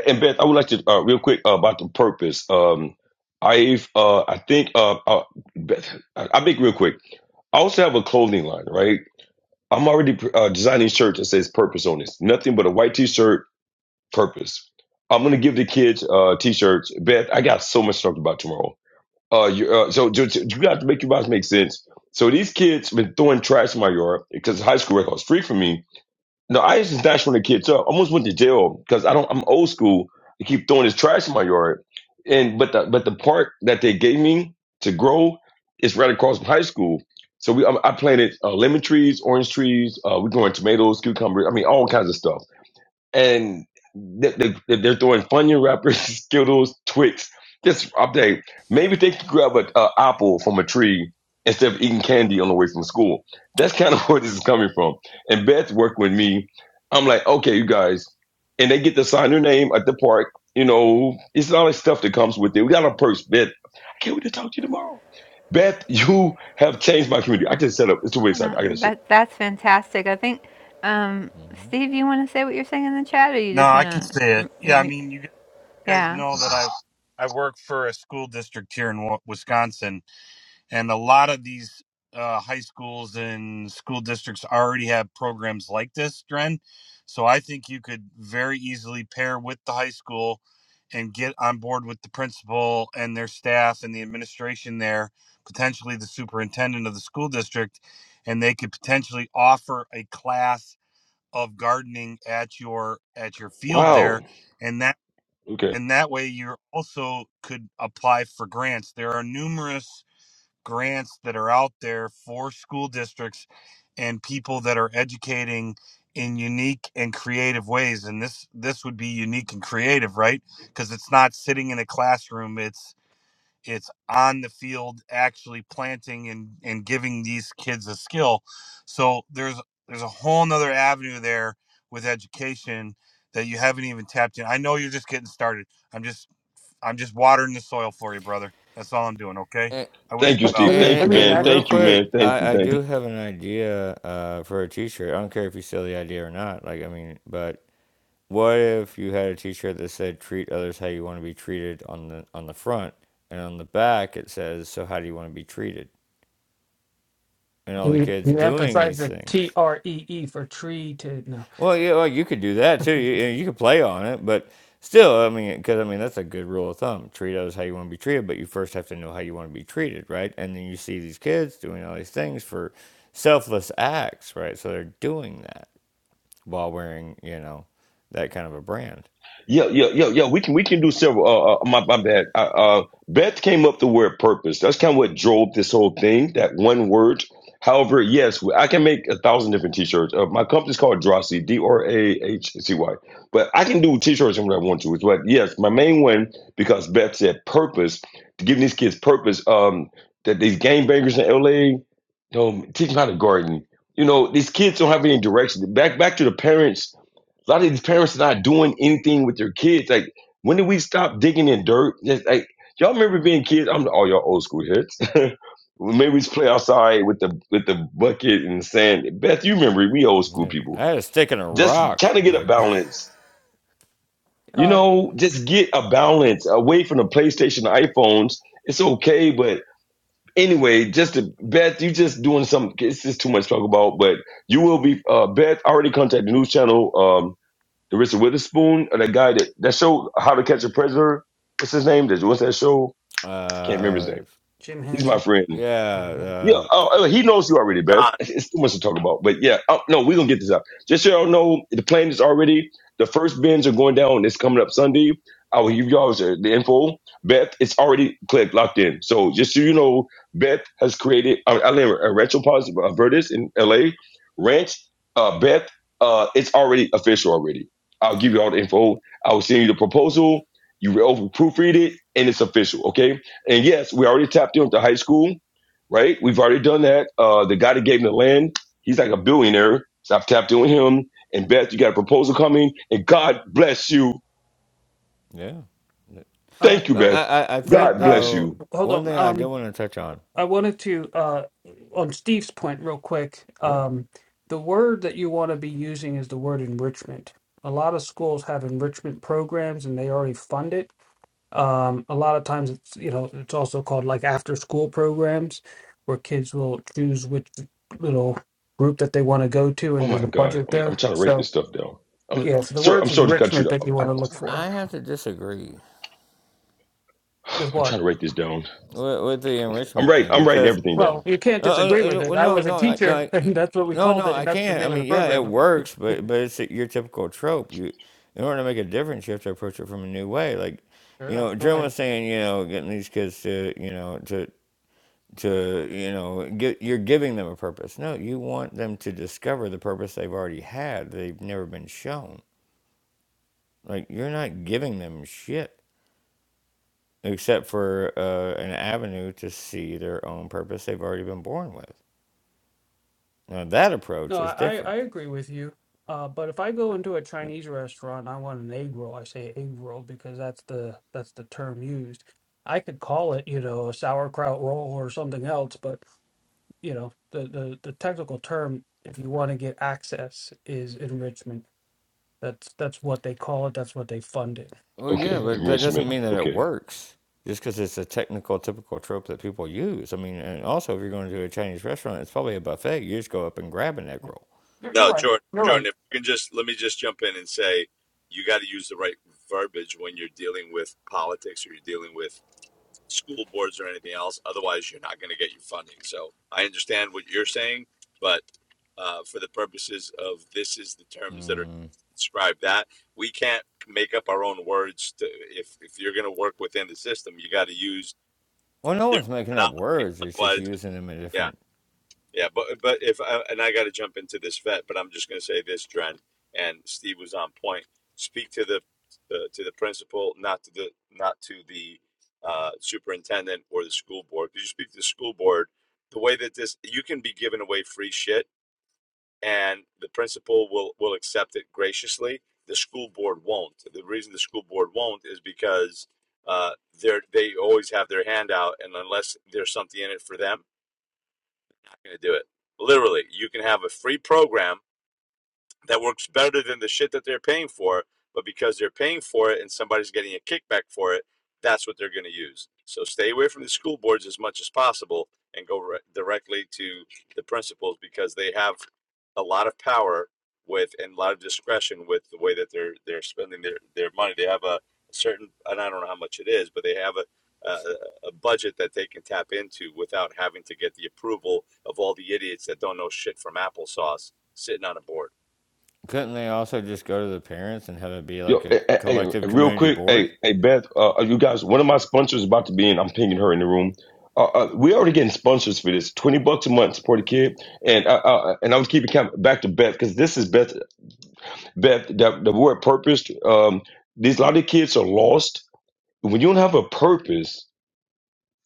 [SPEAKER 7] and Beth, I would like to uh, real quick uh, about the purpose. Um, I've uh, I think uh, uh Beth, I, I think real quick. I also have a clothing line, right? I'm already uh, designing shirts that says purpose on it. Nothing but a white T-shirt, purpose. I'm gonna give the kids uh T-shirts. Beth, I got so much to talk about tomorrow. Uh, you, uh so you, you got to make your minds make sense. So these kids been throwing trash in my yard because high school records free for me No, I used to snatch from the kids up. I almost went to jail because I don't. I'm old school. I keep throwing this trash in my yard, and but the but the park that they gave me to grow is right across from high school. So we I, I planted uh, lemon trees, orange trees. Uh, we growing tomatoes, cucumbers. I mean, all kinds of stuff and they, they, they're throwing Funyun wrappers, <laughs> Skittles, Twix. Just update. Maybe they could grab an apple from a tree instead of eating candy on the way from school. That's kind of <laughs> where this is coming from. And Beth worked with me. I'm like, okay, you guys. And they get to sign their name at the park. You know, it's all this stuff that comes with it. We got a purse, Beth. I can't wait to talk to you tomorrow. Beth, <laughs> you have changed my community. I just set up. It's a website.
[SPEAKER 3] Uh,
[SPEAKER 7] I got to set up.
[SPEAKER 3] that that's fantastic. I think, um,
[SPEAKER 8] Mm-hmm.
[SPEAKER 3] Steve, you want to say what you're saying in the chat, or you
[SPEAKER 9] No,
[SPEAKER 3] just
[SPEAKER 9] I can
[SPEAKER 3] want
[SPEAKER 9] say it.
[SPEAKER 3] to? You
[SPEAKER 9] Yeah,
[SPEAKER 3] want
[SPEAKER 9] I
[SPEAKER 3] me?
[SPEAKER 9] mean, you guys
[SPEAKER 3] Yeah.
[SPEAKER 9] know that
[SPEAKER 8] Mm-mm.
[SPEAKER 9] I I work for a school district here in Wa- Wisconsin, and a lot of these uh, high schools and school districts already have programs like this, Dren. So I think you could very easily pair with the high school and get on board with the principal and their staff and the administration there, potentially the superintendent of the school district, and they could potentially offer a class of gardening at your at your field there
[SPEAKER 7] Wow.
[SPEAKER 9] and that
[SPEAKER 7] Okay.
[SPEAKER 9] and that way you also could apply for grants there are numerous grants that are out there for school districts and people that are educating in unique and creative ways and this this would be unique and creative right because it's not sitting in a classroom it's it's on the field actually planting and and giving these kids a skill so there's there's a whole nother avenue there with education that you haven't even tapped in i know you're just getting started i'm just i'm just watering the soil for you brother that's all i'm doing okay
[SPEAKER 8] And,
[SPEAKER 9] i wish
[SPEAKER 7] Thank
[SPEAKER 9] you
[SPEAKER 7] you,
[SPEAKER 9] well
[SPEAKER 7] Steve. Thank
[SPEAKER 8] and,
[SPEAKER 7] you, man.
[SPEAKER 8] and real
[SPEAKER 7] Thank you,
[SPEAKER 8] quick,
[SPEAKER 7] man. Thank you.
[SPEAKER 8] I,
[SPEAKER 7] Thank
[SPEAKER 8] I
[SPEAKER 7] you.
[SPEAKER 8] do have an idea uh, for a t shirt. I don't care if you sell the idea or not. Like, I mean, but What if you had a T-shirt that said "Treat others how you want to be treated" on the on the front, and on the back it says "So how do you want to be treated?" And all the
[SPEAKER 5] You,
[SPEAKER 8] kids
[SPEAKER 5] you
[SPEAKER 8] doing
[SPEAKER 5] emphasize
[SPEAKER 8] these
[SPEAKER 5] the T
[SPEAKER 8] things.
[SPEAKER 5] R E E for tree to no.
[SPEAKER 8] Well, yeah, well, you could do that too. You, you could play on it, but still, I mean, because I mean that's a good rule of thumb. Treat others how you want to be treated, but you first have to know how you want to be treated, right? And then you see these kids doing all these things for selfless acts, right? So they're doing that while wearing, you know, that kind of a brand.
[SPEAKER 7] Yeah, yeah, yeah, yeah. We can we can do several. Uh, uh my, my bad. Uh, uh, Beth came up the word purpose. That's kind of what drove this whole thing. That one word. However, yes, I can make a thousand different T-shirts. Uh, my company's called Drosy, D R A H C Y. But I can do T-shirts when I want to. But yes, my main one because Beth said purpose. To give these kids purpose. Um, that these game bangers in LA, um, teach them how to garden. You know, these kids don't have any direction. Back back to the parents a lot of these parents are not doing anything with their kids. Like, when did we stop digging in dirt? Just like y'all remember being kids. I'm all y'all old school hits. <laughs> Maybe we used play outside with the with the bucket and the sand. Beth, you remember we old school
[SPEAKER 8] Yeah.
[SPEAKER 7] people.
[SPEAKER 8] I had a stick and a
[SPEAKER 7] Just
[SPEAKER 8] rock.
[SPEAKER 7] trying to get a
[SPEAKER 8] Like
[SPEAKER 7] balance. You
[SPEAKER 5] Um,
[SPEAKER 7] know, just get a balance away from the PlayStation, the iPhones. It's okay, but anyway, just to, Beth, you just doing some. It's just too much to talk about, but you will be. Uh, Beth already contacted the news channel. Um, the Richard Witherspoon or that guy that that show How to Catch a Predator. What's his name? What's that show? Can't remember his
[SPEAKER 8] Uh,
[SPEAKER 7] name.
[SPEAKER 5] Jim
[SPEAKER 7] He's my
[SPEAKER 5] Hanson.
[SPEAKER 7] friend.
[SPEAKER 8] yeah,
[SPEAKER 7] Yeah,
[SPEAKER 8] uh,
[SPEAKER 7] oh, oh, he knows you already, Beth.
[SPEAKER 2] John.
[SPEAKER 7] It's it's too much <laughs> to talk about. But yeah, oh, no, we're gonna get this out. Just so y'all know, the plane is already. The first bins are going down. It's coming up Sunday. I will give y'all the the info. Beth, it's already clicked, locked in. So just so you know, Beth has created. I, I live a retro positive uh, Vertis in L.A. Ranch. Uh, Beth, uh, it's already official already. I'll give you all the info. I will send you the proposal. You will proofread it, and it's official. Okay. And yes, we already tapped into high school right? We've already done that. Uh, the guy that gave him the land, he's like a billionaire. So I've tapped in with him. And Beth, you got a proposal coming. And God bless you.
[SPEAKER 8] yeah.
[SPEAKER 5] Uh,
[SPEAKER 7] Thank you,
[SPEAKER 8] But
[SPEAKER 5] Greg,
[SPEAKER 8] I,
[SPEAKER 7] Beth.
[SPEAKER 8] I, I
[SPEAKER 5] Greg.
[SPEAKER 8] think
[SPEAKER 7] God
[SPEAKER 5] Um,
[SPEAKER 7] bless
[SPEAKER 8] though
[SPEAKER 7] you.
[SPEAKER 5] hold
[SPEAKER 8] one
[SPEAKER 5] on.
[SPEAKER 8] thing I do
[SPEAKER 5] Um,
[SPEAKER 8] want to touch on.
[SPEAKER 5] I wanted to uh on Steve's point real quick.
[SPEAKER 8] Yeah,
[SPEAKER 5] Um, the word that you want to be using is the word enrichment. A lot of schools have enrichment programs and they already fund it Um, a lot of times it's you know it's also called like after school programs where kids will choose which little group that they want to go to
[SPEAKER 7] Oh
[SPEAKER 5] and there's
[SPEAKER 7] my
[SPEAKER 5] a
[SPEAKER 7] God,
[SPEAKER 5] budget
[SPEAKER 7] I'm, I'm
[SPEAKER 5] there.
[SPEAKER 7] trying to write this
[SPEAKER 5] So
[SPEAKER 7] stuff down. I'm,
[SPEAKER 5] yeah, so the
[SPEAKER 7] sir, I'm
[SPEAKER 5] words of
[SPEAKER 7] sorry to cut you.
[SPEAKER 5] enrichment
[SPEAKER 7] Down.
[SPEAKER 5] that you
[SPEAKER 7] I,
[SPEAKER 5] want
[SPEAKER 7] I'm,
[SPEAKER 5] to look
[SPEAKER 7] trying to write
[SPEAKER 5] for
[SPEAKER 8] I have to disagree
[SPEAKER 5] with
[SPEAKER 7] it. <sighs> I'm
[SPEAKER 5] what?
[SPEAKER 7] trying to write this down.
[SPEAKER 8] with, with the
[SPEAKER 7] I'm
[SPEAKER 8] enrichment
[SPEAKER 7] right.
[SPEAKER 8] thing
[SPEAKER 7] I'm writing
[SPEAKER 8] because
[SPEAKER 7] everything
[SPEAKER 5] Well,
[SPEAKER 7] down.
[SPEAKER 5] you can't
[SPEAKER 8] uh,
[SPEAKER 5] disagree
[SPEAKER 8] uh,
[SPEAKER 5] with
[SPEAKER 8] uh,
[SPEAKER 5] it.
[SPEAKER 8] well,
[SPEAKER 5] I
[SPEAKER 8] no,
[SPEAKER 5] was a
[SPEAKER 8] no, I, no,
[SPEAKER 5] teacher <laughs>
[SPEAKER 8] I,
[SPEAKER 5] and that's what we
[SPEAKER 8] no,
[SPEAKER 5] called
[SPEAKER 8] no,
[SPEAKER 5] it and
[SPEAKER 8] I
[SPEAKER 5] that's the
[SPEAKER 8] can't. I
[SPEAKER 5] name of the
[SPEAKER 8] mean, yeah,
[SPEAKER 5] program
[SPEAKER 8] it
[SPEAKER 5] of it.
[SPEAKER 8] works, but but it's your typical trope. You in order to make a difference, you have to approach it from a new way. Like,
[SPEAKER 5] Fair
[SPEAKER 8] you
[SPEAKER 5] enough.
[SPEAKER 8] know,
[SPEAKER 5] all right.
[SPEAKER 8] Jim was saying, you know, getting these kids to, you know, to to you know gi- you're giving them a purpose no you want them to discover the purpose they've already had they've never been shown like you're not giving them shit except for uh, an avenue to see their own purpose they've already been born with now that
[SPEAKER 5] No,
[SPEAKER 8] approach is
[SPEAKER 5] I, I
[SPEAKER 8] different
[SPEAKER 5] agree with you. Uh, but if I go into a Chinese restaurant, I want an egg roll. I say egg roll because that's the that's the term used. I could call it, you know, a sauerkraut roll or something else, but you know, the the, the technical term, if you want to get access, is enrichment. That's that's what they call it. That's what they fund it.
[SPEAKER 8] well yeah
[SPEAKER 7] Okay,
[SPEAKER 5] <laughs>
[SPEAKER 8] but that doesn't
[SPEAKER 7] enrichment.
[SPEAKER 8] mean that it
[SPEAKER 7] Okay.
[SPEAKER 8] works just because it's a technical typical trope that people use i mean and also if you're going to a chinese restaurant it's probably a buffet you just go up and grab an egg roll
[SPEAKER 5] You're, you're
[SPEAKER 2] No,
[SPEAKER 5] right.
[SPEAKER 2] Jordan,
[SPEAKER 5] You're
[SPEAKER 2] Jordan,
[SPEAKER 5] right.
[SPEAKER 2] if you can just let me just jump in and say you got to use the right verbiage when you're dealing with politics or you're dealing with school boards or anything else. Otherwise, you're not going to get your funding. So I understand what you're saying, but uh, for the purposes of this is the terms that are
[SPEAKER 8] Mm.
[SPEAKER 2] describe that we can't make up our own words to if if you're going to work within the system you got to use
[SPEAKER 8] Well, no
[SPEAKER 2] their
[SPEAKER 8] one's making up
[SPEAKER 2] terminology
[SPEAKER 8] words. It's just
[SPEAKER 2] otherwise
[SPEAKER 8] using them in
[SPEAKER 2] yeah
[SPEAKER 8] different.
[SPEAKER 2] yeah, but but if I, and I got to jump into this vet, but I'm just going to say this, Dren, and Steve was on point. Speak to the uh, to the principal, not to the not to the uh, superintendent or the school board. Because you speak to the school board, the way that this you can be giving away free shit, and the principal will will accept it graciously. The school board won't. The reason the school board won't is because uh, they're they always have their hand out, and unless there's something in it for them going to do it. Literally, you can have a free program that works better than the shit that they're paying for. But because they're paying for it and somebody's getting a kickback for it, that's what they're going to use. So stay away from the school boards as much as possible and go re- directly to the principals because they have a lot of power with and a lot of discretion with the way that they're they're spending their, their money. They have a certain and I don't know how much it is, but they have a a, a budget that they can tap into without having to get the approval of all the idiots that don't know shit from applesauce sitting on a board.
[SPEAKER 8] Couldn't they also just go to the parents and have it be
[SPEAKER 7] Yo,
[SPEAKER 8] like a
[SPEAKER 7] hey, hey, hey,
[SPEAKER 8] collective
[SPEAKER 7] hey, real
[SPEAKER 8] community
[SPEAKER 7] quick,
[SPEAKER 8] board?
[SPEAKER 7] hey, hey, Beth, uh, you guys, one of my sponsors is about to be in. I'm pinging her in the room. Uh, uh, we already getting sponsors for this. Twenty bucks a month, support a kid, and uh, uh, and I was keeping count back to Beth because this is Beth. Beth, the, the word purpose. Um, these a lot of kids are lost when you don't have a purpose.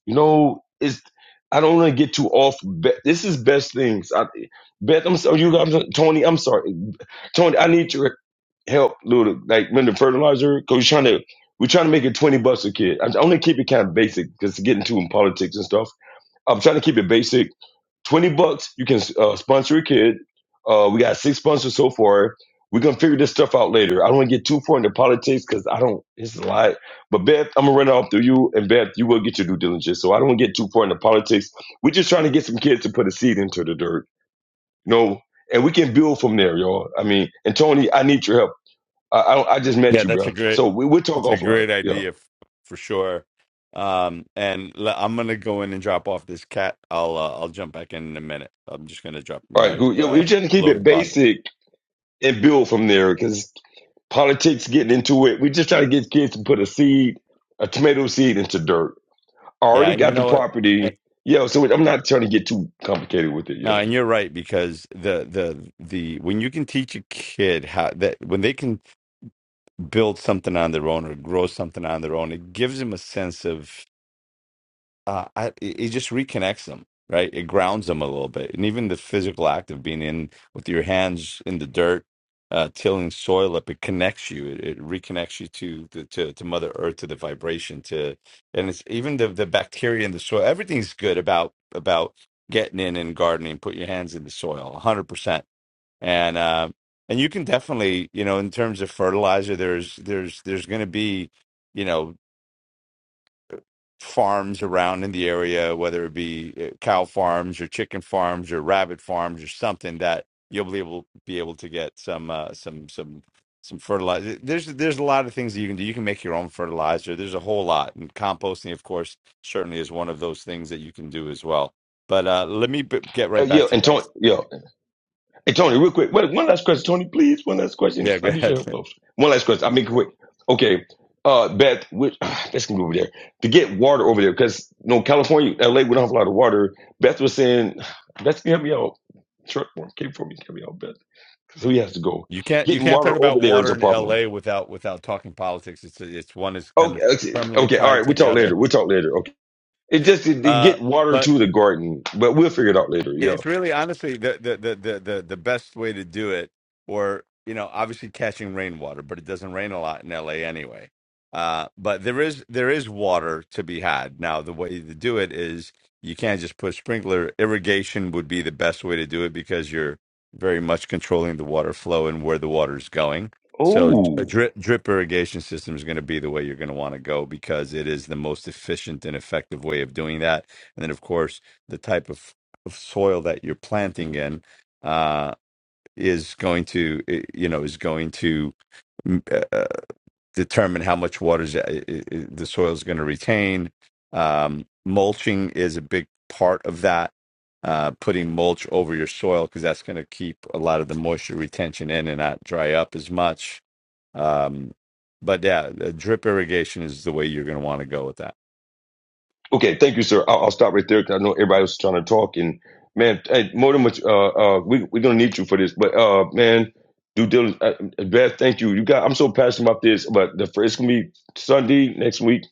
[SPEAKER 7] You know, it's I don't want to get too off. Beth, this is best things. I, Beth, I'm sorry, you. guys, Tony, I'm sorry, Tony. I need you help little like render fertilizer because we're trying to we're trying to make it 20 bucks a kid i'm only keep it kind of basic because it's getting too in politics and stuff i'm trying to keep it basic 20 bucks you can uh, sponsor a kid uh, we got six sponsors so far we're gonna figure this stuff out later i don't want to get too far into politics because i don't it's a lot but beth i'm gonna run it off through you and beth you will get your due diligence so i don't want to get too far into politics we're just trying to get some kids to put a seed into the dirt you know and we can build from there y'all i mean and tony i need your help I, I I just met
[SPEAKER 2] Yeah,
[SPEAKER 7] you,
[SPEAKER 2] that's a
[SPEAKER 7] bro.
[SPEAKER 2] great
[SPEAKER 7] So we we'll talk
[SPEAKER 2] it's a
[SPEAKER 7] offline.
[SPEAKER 2] great
[SPEAKER 7] Yeah.
[SPEAKER 2] idea f- for sure. Um and l- I'm going to go in and drop off this cat. I'll uh, I'll jump back in in a minute. I'm just going to drop
[SPEAKER 7] All right.
[SPEAKER 2] my
[SPEAKER 7] Cool. Yeah, we're
[SPEAKER 2] uh
[SPEAKER 7] trying to keep
[SPEAKER 2] lower
[SPEAKER 7] it
[SPEAKER 2] body.
[SPEAKER 7] basic and build from there because politics getting into it. We just try to get kids to put a seed, a tomato seed into dirt. I
[SPEAKER 2] Yeah,
[SPEAKER 7] already
[SPEAKER 2] and you
[SPEAKER 7] got the
[SPEAKER 2] know what? And-
[SPEAKER 7] property. Yeah. So I'm not trying to get too complicated with it.
[SPEAKER 2] No,
[SPEAKER 7] Yo.
[SPEAKER 2] and you're right because the the the when you can teach a kid how that when they can build something on their own or grow something on their own, it gives them a sense of uh, I, it it just reconnects them, right? It grounds them a little bit, and even the physical act of being in with your hands in the dirt, uh, tilling soil up, it connects you. It, it reconnects you to, to to to Mother Earth, to the vibration, to and it's even the the bacteria in the soil. Everything's good about about getting in and gardening. Put your hands in the soil, hundred percent, and uh, and you can definitely, you know, in terms of fertilizer, there's there's there's going to be. You know, farms around in the area, whether it be uh, cow farms or chicken farms or rabbit farms or something that you'll be able be able to get some uh, some some some fertilizer. There's there's a lot of things that you can do. You can make your own fertilizer. There's a whole lot, and composting, of course, certainly is one of those things that you can do as well. But uh, let me b- get
[SPEAKER 7] Uh,
[SPEAKER 2] right
[SPEAKER 7] yeah.
[SPEAKER 2] back to you
[SPEAKER 7] And Tony.
[SPEAKER 2] guys.
[SPEAKER 7] Yeah. Hey Tony, real quick. Wait, one last question, Tony, please. One last question.
[SPEAKER 2] Yeah,
[SPEAKER 7] I
[SPEAKER 2] go
[SPEAKER 7] need your
[SPEAKER 2] ahead.
[SPEAKER 7] help,
[SPEAKER 2] <laughs>
[SPEAKER 7] though. One last question. I'll make it quick. Okay. Uh, Beth, which, <sighs> that's gonna be over there to get water over there because you know California, LA, we don't have a lot of water. Beth was saying, <sighs> Beth can help me out. Short form, came for me, help me out, Beth, So he has to go.
[SPEAKER 2] You can't you
[SPEAKER 7] Getting
[SPEAKER 2] can't
[SPEAKER 7] water
[SPEAKER 2] talk about
[SPEAKER 7] over there is
[SPEAKER 2] water
[SPEAKER 7] a
[SPEAKER 2] in
[SPEAKER 7] problem.
[SPEAKER 2] L.A. without without talking politics. It's it's one is kind
[SPEAKER 7] Okay,
[SPEAKER 2] of
[SPEAKER 7] okay,
[SPEAKER 2] permanently
[SPEAKER 7] okay, all
[SPEAKER 2] tied
[SPEAKER 7] right. We'll
[SPEAKER 2] to the
[SPEAKER 7] talk later.
[SPEAKER 2] other.
[SPEAKER 7] We'll talk later. Okay, it just to, to
[SPEAKER 2] Uh,
[SPEAKER 7] get water
[SPEAKER 2] but
[SPEAKER 7] to the garden, but we'll figure it out later.
[SPEAKER 2] Yeah,
[SPEAKER 7] Yeah.
[SPEAKER 2] it's really honestly the the the the the, the best way to do it, or you know, obviously catching rainwater, but it doesn't rain a lot in LA anyway. Uh, but there is there is water to be had. Now, the way to do it is you can't just put sprinkler. Irrigation would be the best way to do it because you're very much controlling the water flow and where the water is going. So a
[SPEAKER 7] Oh.
[SPEAKER 2] drip drip irrigation system is going to be the way you're going to want to go because it is the most efficient and effective way of doing that. And then, of course, the type of of soil that you're planting in uh, is going to eh, you know is going to mm, uh, uh, determine how much water the soil is going to retain. Um, mulching is a big part of that. Uh, putting mulch over your soil because that's going to keep a lot of the moisture retention in and not dry up as much. Um, but yeah, the drip irrigation is the way you're going to want to go with that.
[SPEAKER 7] Okay, thank you, sir. I'll, I'll stop right there because I know everybody was trying to talk. And man, hey, more than much, uh, uh, we we're gonna need you for this. But uh, man, due diligence, uh, Beth, thank you. You got, I'm so passionate about this. But the first gonna be Sunday next week.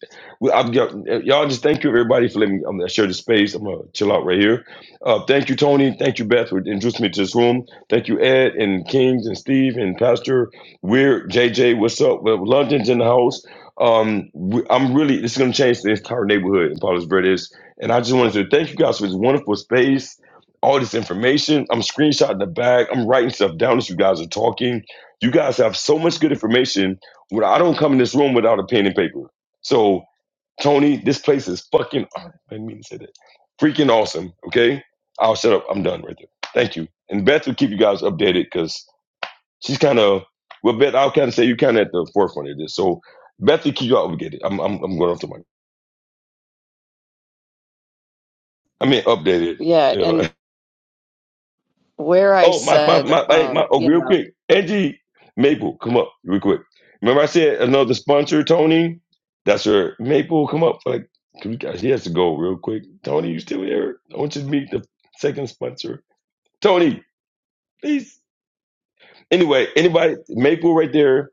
[SPEAKER 7] We, I'm, y'all y'all just thank you everybody for letting me i share the space. I'm gonna chill out right here. Uh, thank you, Tony. Thank you, Beth, for introducing me to this room. Thank you, Ed and Kings and Steve and Pastor Weird, JJ. What's up? Well, London's in the house. Um, we- I'm really this is going to change the entire neighborhood in Palos Verdes, and I just wanted to thank you guys for this wonderful space, all this information. I'm screenshotting the bag. I'm writing stuff down as you guys are talking. You guys have so much good information. When I don't come in this room without a pen and paper. So Tony, this place is fucking. oh, I didn't mean to say that. Freaking awesome. Okay, I'll shut up. I'm done right there. Thank you. And Beth will keep you guys updated because she's kind of well Beth. I'll kind of say you're kind of at the forefront of this. So Beth, you keep you updated. I'm I'm I'm going off to my. I mean updated.
[SPEAKER 1] Yeah,
[SPEAKER 7] You know.
[SPEAKER 1] and
[SPEAKER 7] <laughs>
[SPEAKER 1] where I
[SPEAKER 7] Oh my my
[SPEAKER 1] said,
[SPEAKER 7] my my, my
[SPEAKER 1] um,
[SPEAKER 7] oh
[SPEAKER 1] you
[SPEAKER 7] real
[SPEAKER 1] know,
[SPEAKER 7] quick. Angie Maple, come up real quick. Remember I said another sponsor, Tony. That's her. Maple, come up. Like we got- she has to go real quick. Tony, you still here? I want you to meet the second sponsor, Tony. Please. Anyway, anybody Maple right there.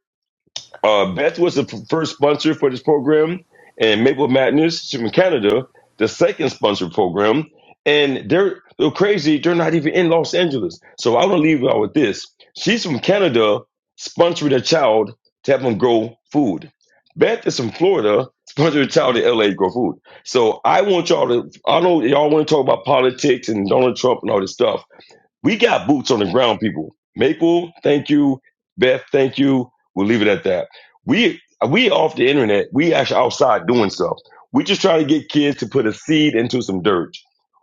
[SPEAKER 7] Uh, Beth was the f- first sponsor for this program, and Maple Madness she's from Canada, the second sponsor program. And they're they're crazy. They're not even in Los Angeles. So I want to leave y'all with this. She's from Canada, sponsoring a child to help them grow food. Beth is from Florida, sponsoring a child in LA to grow food. So I want y'all to. I know y'all want to talk about politics and Donald Trump and all this stuff. We got boots on the ground, people. Maple, thank you. Beth, thank you. We'll leave it at that. We we off the internet. We actually outside doing stuff. We just trying to get kids to put a seed into some dirt.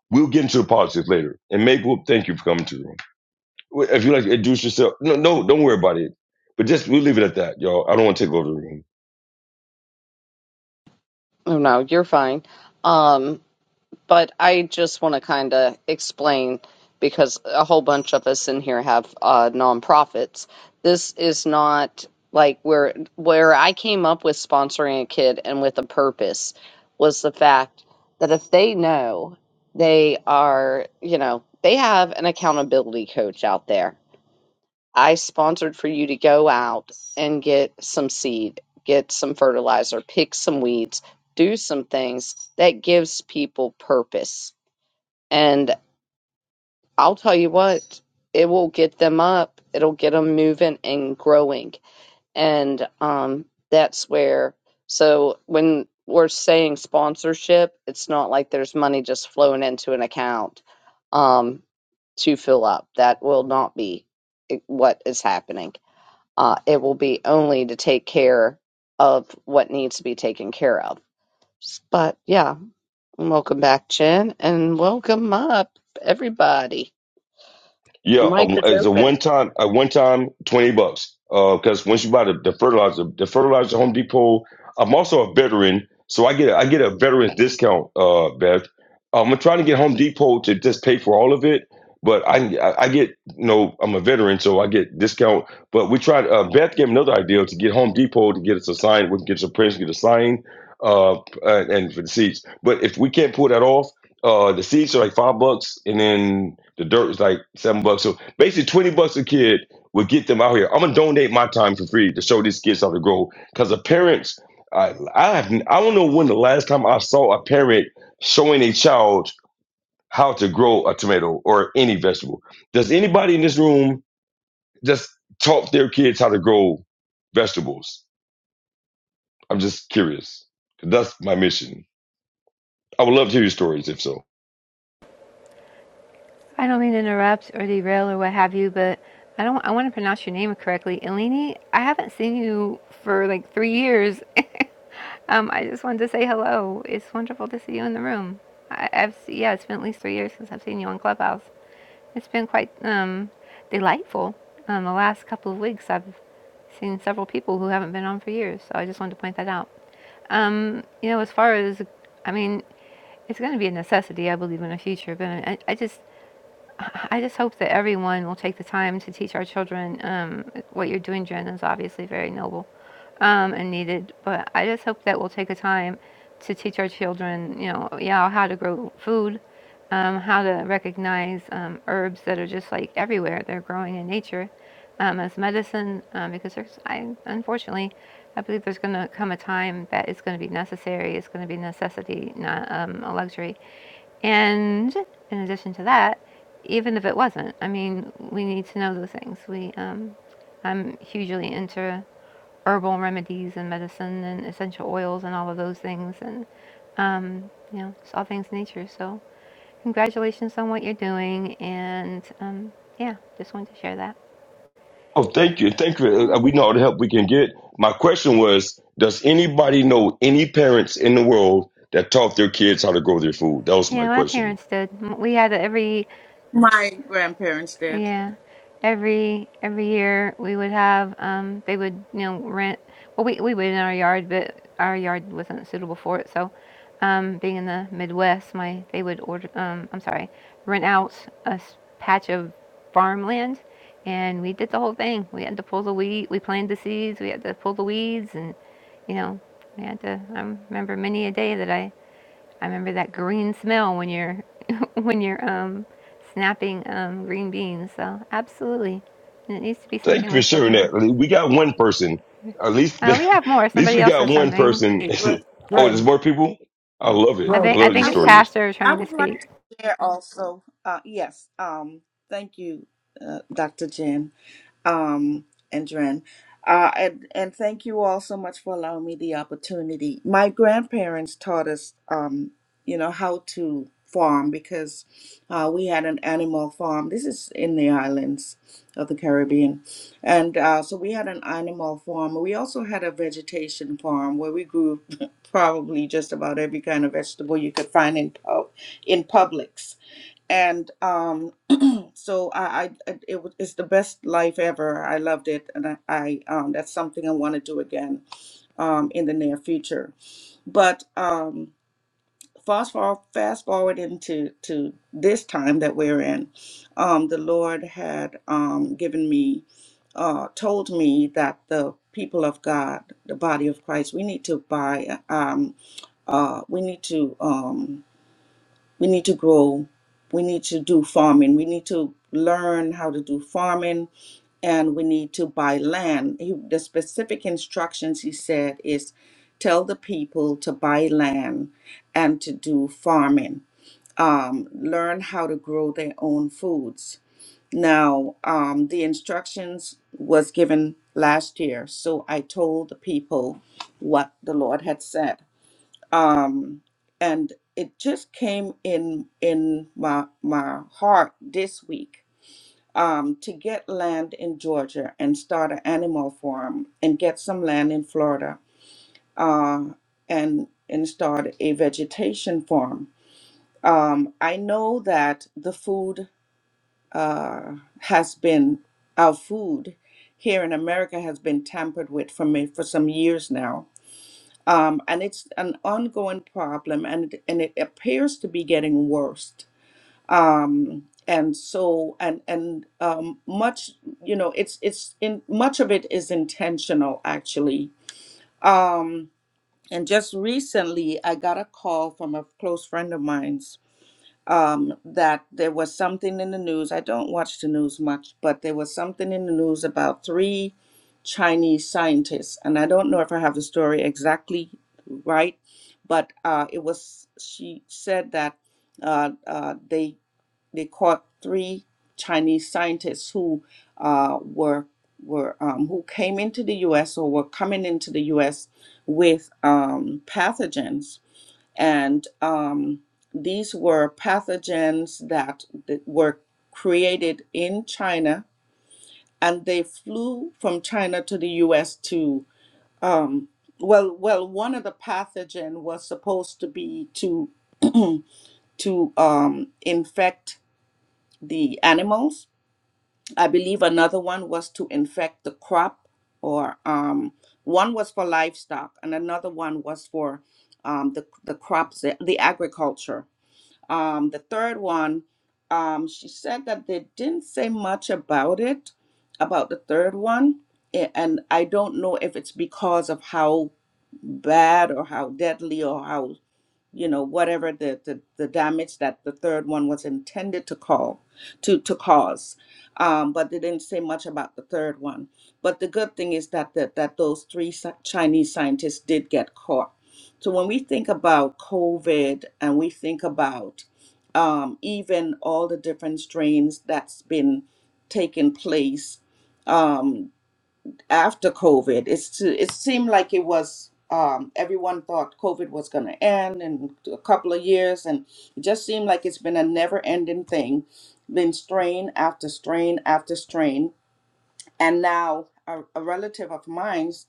[SPEAKER 7] We'll get into the politics later. And Maple, thank you for coming to the room. If you like to introduce yourself, no, no, don't worry about it. But just we'll leave it at that, y'all. I don't want to take over the room.
[SPEAKER 1] oh no, you're fine. Um, but I just want to kind of explain because a whole bunch of us in here have uh, nonprofits. This is not like where where I came up with sponsoring a kid and with a purpose was the fact that if they know they are, you know, they have an accountability coach out there. I sponsored for you to go out and get some seed, get some fertilizer, pick some weeds, do some things that gives people purpose and I'll tell you what, it will get them up, it'll get them moving and growing. And um, that's where, so when we're saying sponsorship, it's not like there's money just flowing into an account um, to fill up. That will not be i- what is happening. Uh, it will be only to take care of what needs to be taken care of. S- But yeah, welcome back, Jen, and welcome up, everybody. The
[SPEAKER 7] Yeah,
[SPEAKER 1] mic
[SPEAKER 7] um,
[SPEAKER 1] is
[SPEAKER 7] it's a one
[SPEAKER 1] open.
[SPEAKER 7] time. At one time, twenty bucks. Because once you buy the, the fertilizer, the fertilizer Home Depot. I'm also a veteran, so I get a, I get a veteran's discount. Uh, Beth, Um, I'm trying to get Home Depot to just pay for all of it, but I can- I, I get you know I'm a veteran, so I get discount. But we tried. Uh, Beth gave me another idea to get Home Depot to get us a sign. We can get some prints, get a sign, uh, and, and for the seats. But if we can't pull that off. Uh, the seeds are like five bucks, and then the dirt is like seven bucks. So basically, twenty bucks a kid would get them out here. I'm gonna donate my time for free to show these kids how to grow. Because the parents, I I have, I don't know when the last time I saw a parent showing a child how to grow a tomato or any vegetable. Does anybody in this room just taught their kids how to grow vegetables? I'm just curious. That's my mission. I would love to hear your stories if so.
[SPEAKER 3] I don't mean to interrupt or derail or what have you, but I don't. I want to pronounce your name correctly, Eleni. I haven't seen you for like three years. <laughs> Um, I just wanted to say hello. It's wonderful to see you in the room. I, I've yeah, it's been at least three years since I've seen you on Clubhouse. It's been quite um, delightful. Um, the last couple of weeks, I've seen several people who haven't been on for years, so I just wanted to point that out. Um, you know, as far as I mean, it's going to be a necessity, I believe, in the future. But I, I just I just hope that everyone will take the time to teach our children um, what you're doing, Jen, is obviously very noble um, and needed. But I just hope that we'll take the time to teach our children, you know, yeah, how to grow food, um, how to recognize um, herbs that are just like everywhere. They're growing in nature um, as medicine um, because there's, I unfortunately, I believe there's going to come a time that it's going to be necessary. It's going to be necessity, not um, a luxury. And in addition to that, even if it wasn't, I mean, we need to know those things. We, um, I'm hugely into herbal remedies and medicine and essential oils and all of those things, and um, you know, just all things nature. So, congratulations on what you're doing, and um, yeah, just wanted to share that.
[SPEAKER 7] Oh, thank you. Thank you. Uh,
[SPEAKER 3] Yeah,
[SPEAKER 7] We know all the help we can get. My question was Does anybody know any parents in the world that taught their kids how to grow their food? That was my
[SPEAKER 3] yeah, my
[SPEAKER 7] question.
[SPEAKER 3] parents did. M- We had a- every
[SPEAKER 10] My grandparents did.
[SPEAKER 3] Yeah. Every every year we would have um they would, you know, rent well we, we would in our yard but our yard wasn't suitable for it. So um being in the Midwest, my they would order um I'm sorry, rent out a s- patch of farmland and we did the whole thing. We had to pull the weed, we planted the seeds, we had to pull the weeds and you know, we had to I remember many a day that I I remember that green smell when you're <laughs> when you're um snapping um green beans. So absolutely, and it needs to be
[SPEAKER 7] Thank
[SPEAKER 3] something
[SPEAKER 7] you for
[SPEAKER 3] we're still
[SPEAKER 7] sharing
[SPEAKER 3] doing.
[SPEAKER 7] that. I mean, We got one person. At least, <laughs>
[SPEAKER 3] Uh, we
[SPEAKER 7] at
[SPEAKER 3] have more.
[SPEAKER 7] least
[SPEAKER 3] Somebody
[SPEAKER 7] we
[SPEAKER 3] else
[SPEAKER 7] got
[SPEAKER 3] said
[SPEAKER 7] one
[SPEAKER 3] something.
[SPEAKER 7] person.
[SPEAKER 5] Hey, Greg,
[SPEAKER 7] <laughs> oh, there's
[SPEAKER 5] Greg,
[SPEAKER 7] more people? I love it.
[SPEAKER 3] I
[SPEAKER 7] I
[SPEAKER 5] Greg.
[SPEAKER 3] think I
[SPEAKER 7] love these
[SPEAKER 3] think
[SPEAKER 10] I
[SPEAKER 3] it's
[SPEAKER 10] would
[SPEAKER 7] stories.
[SPEAKER 3] Pastor
[SPEAKER 10] I
[SPEAKER 3] trying to
[SPEAKER 10] would like
[SPEAKER 3] speak.
[SPEAKER 10] to share also. Uh, yes. Um. Thank you, uh, Dr. Jen. um, and Dren. Uh, and, and thank you all so much for allowing me the opportunity. My grandparents taught us, um, you know, how to farm because uh, we had an animal farm. This is in the islands of the Caribbean. And uh, so we had an animal farm. We also had a vegetation farm where we grew <laughs> probably just about every kind of vegetable you could find in, pub- in Publix. And um, so I, I I- it was it's the best life ever. I loved it, and I, I um that's something I want to do again um in the near future. But um fast forward, fast forward into to this time that we're in, um the Lord had um given me uh told me that the people of God, the body of Christ, we need to buy um uh we need to um we need to grow we need to do farming we need to learn how to do farming and we need to buy land he, the specific instructions he said is tell the people to buy land and to do farming um, learn how to grow their own foods now um, the instructions was given last year so i told the people what the lord had said and it just came in in my my heart this week um, to get land in Georgia and start an animal farm and get some land in Florida uh, and and start a vegetation farm. Um, I know that the food uh, has been our food here in America has been tampered with for me for some years now um, and it's an ongoing problem and and it appears to be getting worse um, and so and and um, much you know it's it's in much of it is intentional actually um, and just recently I got a call from a close friend of mine um, that there was something in the news. I don't watch the news much, but there was something in the news about three Chinese scientists, and I don't know if I have the story exactly right, but uh, it was she said that uh, uh, they they caught three Chinese scientists who uh, were were um, who came into the U.S. or were coming into the U.S. with um, pathogens and um, these were pathogens that, that were created in China, and they flew from China to the U.S. to um, well, well, one of the pathogen was supposed to be to to um, infect the animals. I believe another one was to infect the crop, or um, one was for livestock, and another one was for um, the the crops, the the agriculture Um, the third one, um, she said that they didn't say much about it, about the third one. A- And I don't know if it's because of how bad or how deadly or how you know whatever the, the the damage that the third one was intended to call to to cause um but they didn't say much about the third one but the good thing is that that that those three sci- chinese scientists did get caught so when we think about covid and we think about um even all the different strains that's been taking place um, after COVID, it's to, it seemed like it was um, everyone thought COVID was going to end in a couple of years, and it just seemed like it's been a never-ending thing, been strain after strain after strain. And now a, a relative of mine's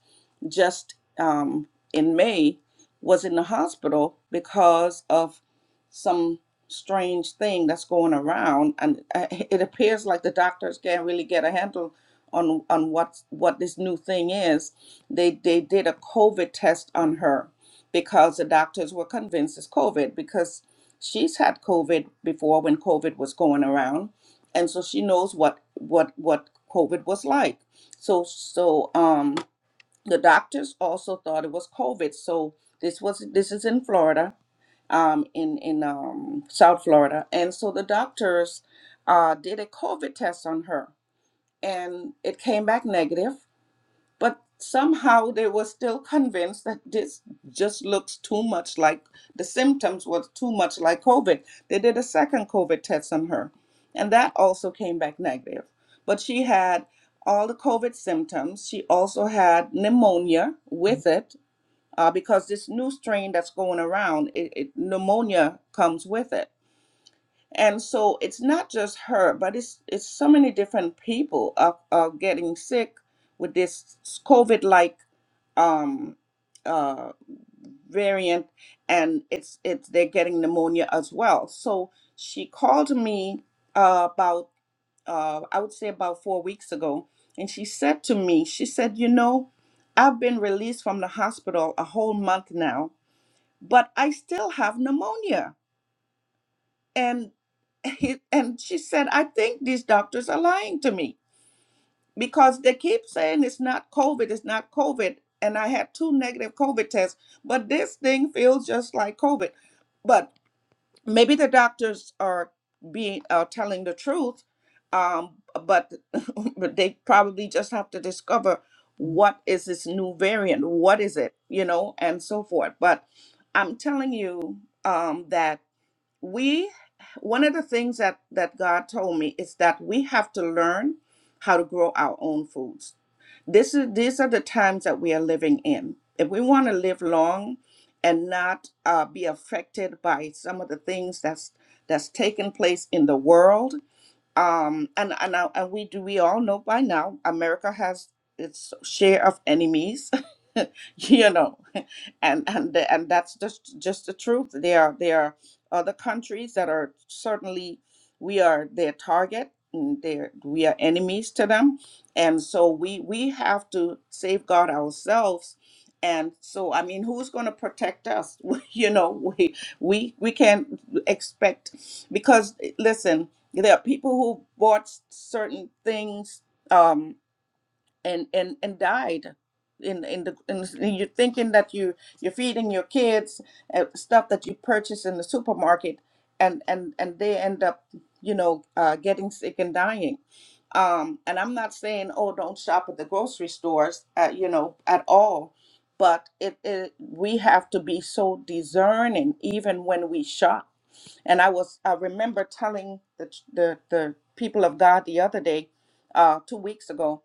[SPEAKER 10] just um, in May was in the hospital because of some strange thing that's going around, and uh, <laughs> it appears like the doctors can't really get a handle on on what what this new thing is. They they did a COVID test on her because the doctors were convinced it's COVID because she's had COVID before when COVID was going around and so she knows what what what COVID was like. So so um the doctors also thought it was COVID. So this was this is in Florida, um in in um South Florida, and so the doctors uh did a COVID test on her, and it came back negative. But somehow they were still convinced that this just looks too much like the symptoms was too much like COVID. They did a second COVID test on her, and that also came back negative. But she had all the COVID symptoms. She also had pneumonia with it uh, because this new strain that's going around, it, it, pneumonia comes with it. And so it's not just her, but it's it's so many different people are, are getting sick with this COVID-like um, uh, variant, and it's it's they're getting pneumonia as well. So she called me uh, about uh, I would say about four weeks ago, and she said to me, she said, you know, I've been released from the hospital a whole month now, but I still have pneumonia, and <laughs> and she said, I think these doctors are lying to me because they keep saying it's not COVID, it's not COVID. And I had two negative COVID tests, but this thing feels just like COVID. But maybe the doctors are being uh, telling the truth, um, but <laughs> but they probably just have to discover what is this new variant, what is it, you know, and so forth. But I'm telling you um, that we one of the things that that god told me is that we have to learn how to grow our own foods this is these are the times that we are living in if we want to live long and not uh, be affected by some of the things that's that's taking place in the world um and and, I, and we do we all know by now america has its share of enemies <laughs> you know and and the- and that's just just the truth there are there are other countries that are certainly we are their target and they're we are enemies to them and so we we have to safeguard ourselves and so i mean who's going to protect us <laughs> you know we we we can't expect because eh, listen there are people who bought certain things um, and and and died. In in the in, you're thinking that you you're feeding your kids uh, stuff that you purchase in the supermarket, and and and they end up you know uh, getting sick and dying. Um, and I'm not saying oh don't shop at the grocery stores uh, you know at all, but it, it we have to be so discerning even when we shop and I was I remember telling the ch- the, the people of God the other day, uh, two weeks ago,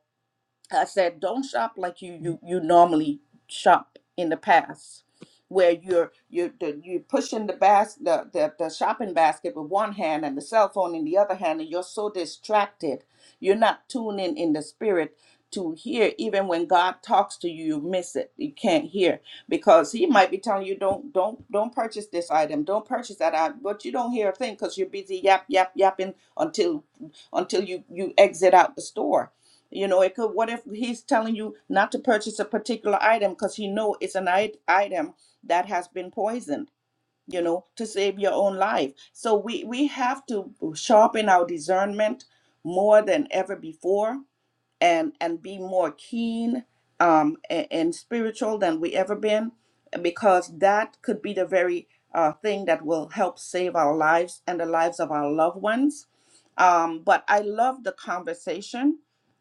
[SPEAKER 10] I said, don't shop like you you you normally shop in the past, where you're you're the, you're pushing the bas the, the the shopping basket with one hand and the cell phone in the other hand, and you're so distracted, you're not tuning in the spirit to hear. Even when God talks to you, you miss it. You can't hear because He might be telling you, don't don't don't purchase this item, don't purchase that item, but you don't hear a thing because you're busy yap yap yapping until until you you exit out the store you know, it could. What if he's telling you not to purchase a particular item because he know it's an it- item that has been poisoned? You know, to save your own life. So we we have to sharpen our discernment more than ever before, and and be more keen um and, and spiritual than we ever been, because that could be the very uh, thing that will help save our lives and the lives of our loved ones. Um, but I love the conversation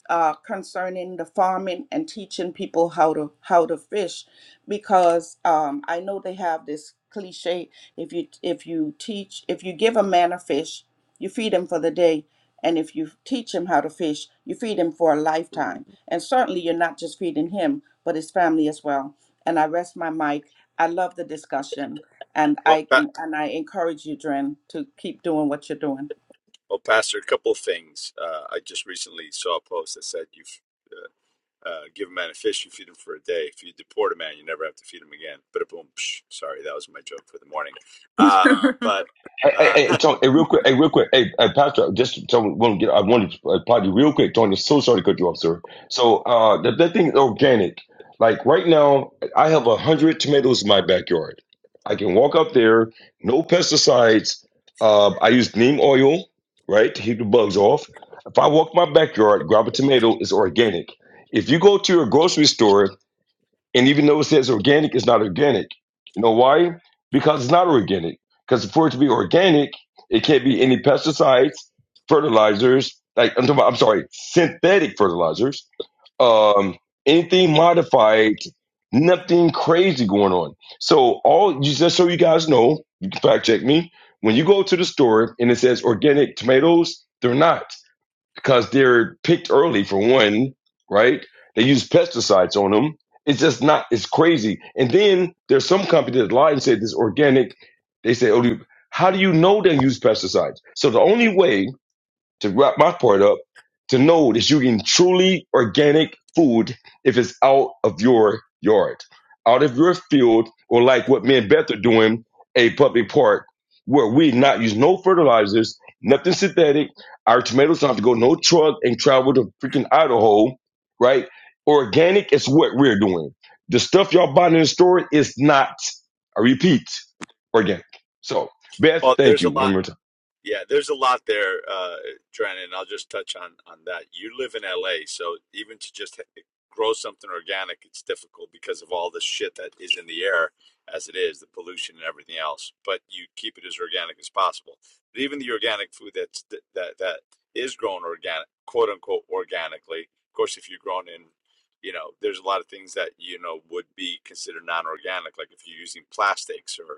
[SPEAKER 10] uh, concerning the farming and teaching people how to how to fish, because um, I know they have this cliche: if you if you teach if you give a man a fish, you feed him for the day, and if you teach him how to fish, you feed him for a lifetime. And certainly, you're not just feeding him, but his family as well. And I rest my mic. I love the discussion, and
[SPEAKER 2] Well.
[SPEAKER 10] I
[SPEAKER 2] Pa-
[SPEAKER 10] and I encourage you, Dren, to keep doing what you're doing.
[SPEAKER 2] Well, Pastor, a couple of things. Uh, I just recently saw a post that said you've uh, uh, give a man a fish, you feed him for a day. If you deport a man, you never have to feed him again. But boom, psh, sorry, that was my joke for the morning. Uh, but
[SPEAKER 7] Hey, hey,
[SPEAKER 2] uh, <laughs>
[SPEAKER 7] hey, Tony, hey, real quick, hey, real quick, hey, hey Pastor, just Tony, want to get, I wanted to uh, apply you real quick, Tony. So sorry to cut you off, sir. So, uh, that, that thing is organic. Like right now, I have a hundred tomatoes in my backyard. I can walk up there, no pesticides. Uh, I use neem oil, right, to keep the bugs off. If I walk my backyard, grab a tomato, it's organic. If you go to your grocery store and even though it says organic, it's not organic. You know why? Because it's not organic. Because for it to be organic, it can't be any pesticides, fertilizers, like I'm, talking about, I'm sorry, synthetic fertilizers, um, anything modified, nothing crazy going on. So all just so you guys know, you can fact check me. When you go to the store and it says organic tomatoes, they're not because they're picked early for one, right? They use pesticides on them. It's just not. It's crazy. And then there's some company that lied and said this organic. They say, "Oh, do you- how do you know they use pesticides?" So the only way to wrap my part up, to know that you can truly organic food if it's out of your yard, out of your field, or like what me and Beth are doing, a public park where we not use no fertilizers, nothing synthetic. Our tomatoes don't have to go no truck and travel to freaking Idaho, right? Organic is what we're doing. The stuff y'all buying in the store is not, I repeat, organic. So, Beth,
[SPEAKER 2] well,
[SPEAKER 7] thank
[SPEAKER 2] there's
[SPEAKER 7] you
[SPEAKER 2] a
[SPEAKER 7] one
[SPEAKER 2] lot.
[SPEAKER 7] more
[SPEAKER 2] Yeah, there's a lot there, uh, Drennan. and I'll just touch on on that. You live in LA, so even to just h- grow something organic, it's difficult because of all the shit that is in the air as it is, the pollution and everything else. But you keep it as organic as possible. But even the organic food that's th- that that is grown organic, quote unquote, organically. Of course, if you're grown in, you know, there's a lot of things that you know would be considered non-organic, like if you're using plastics or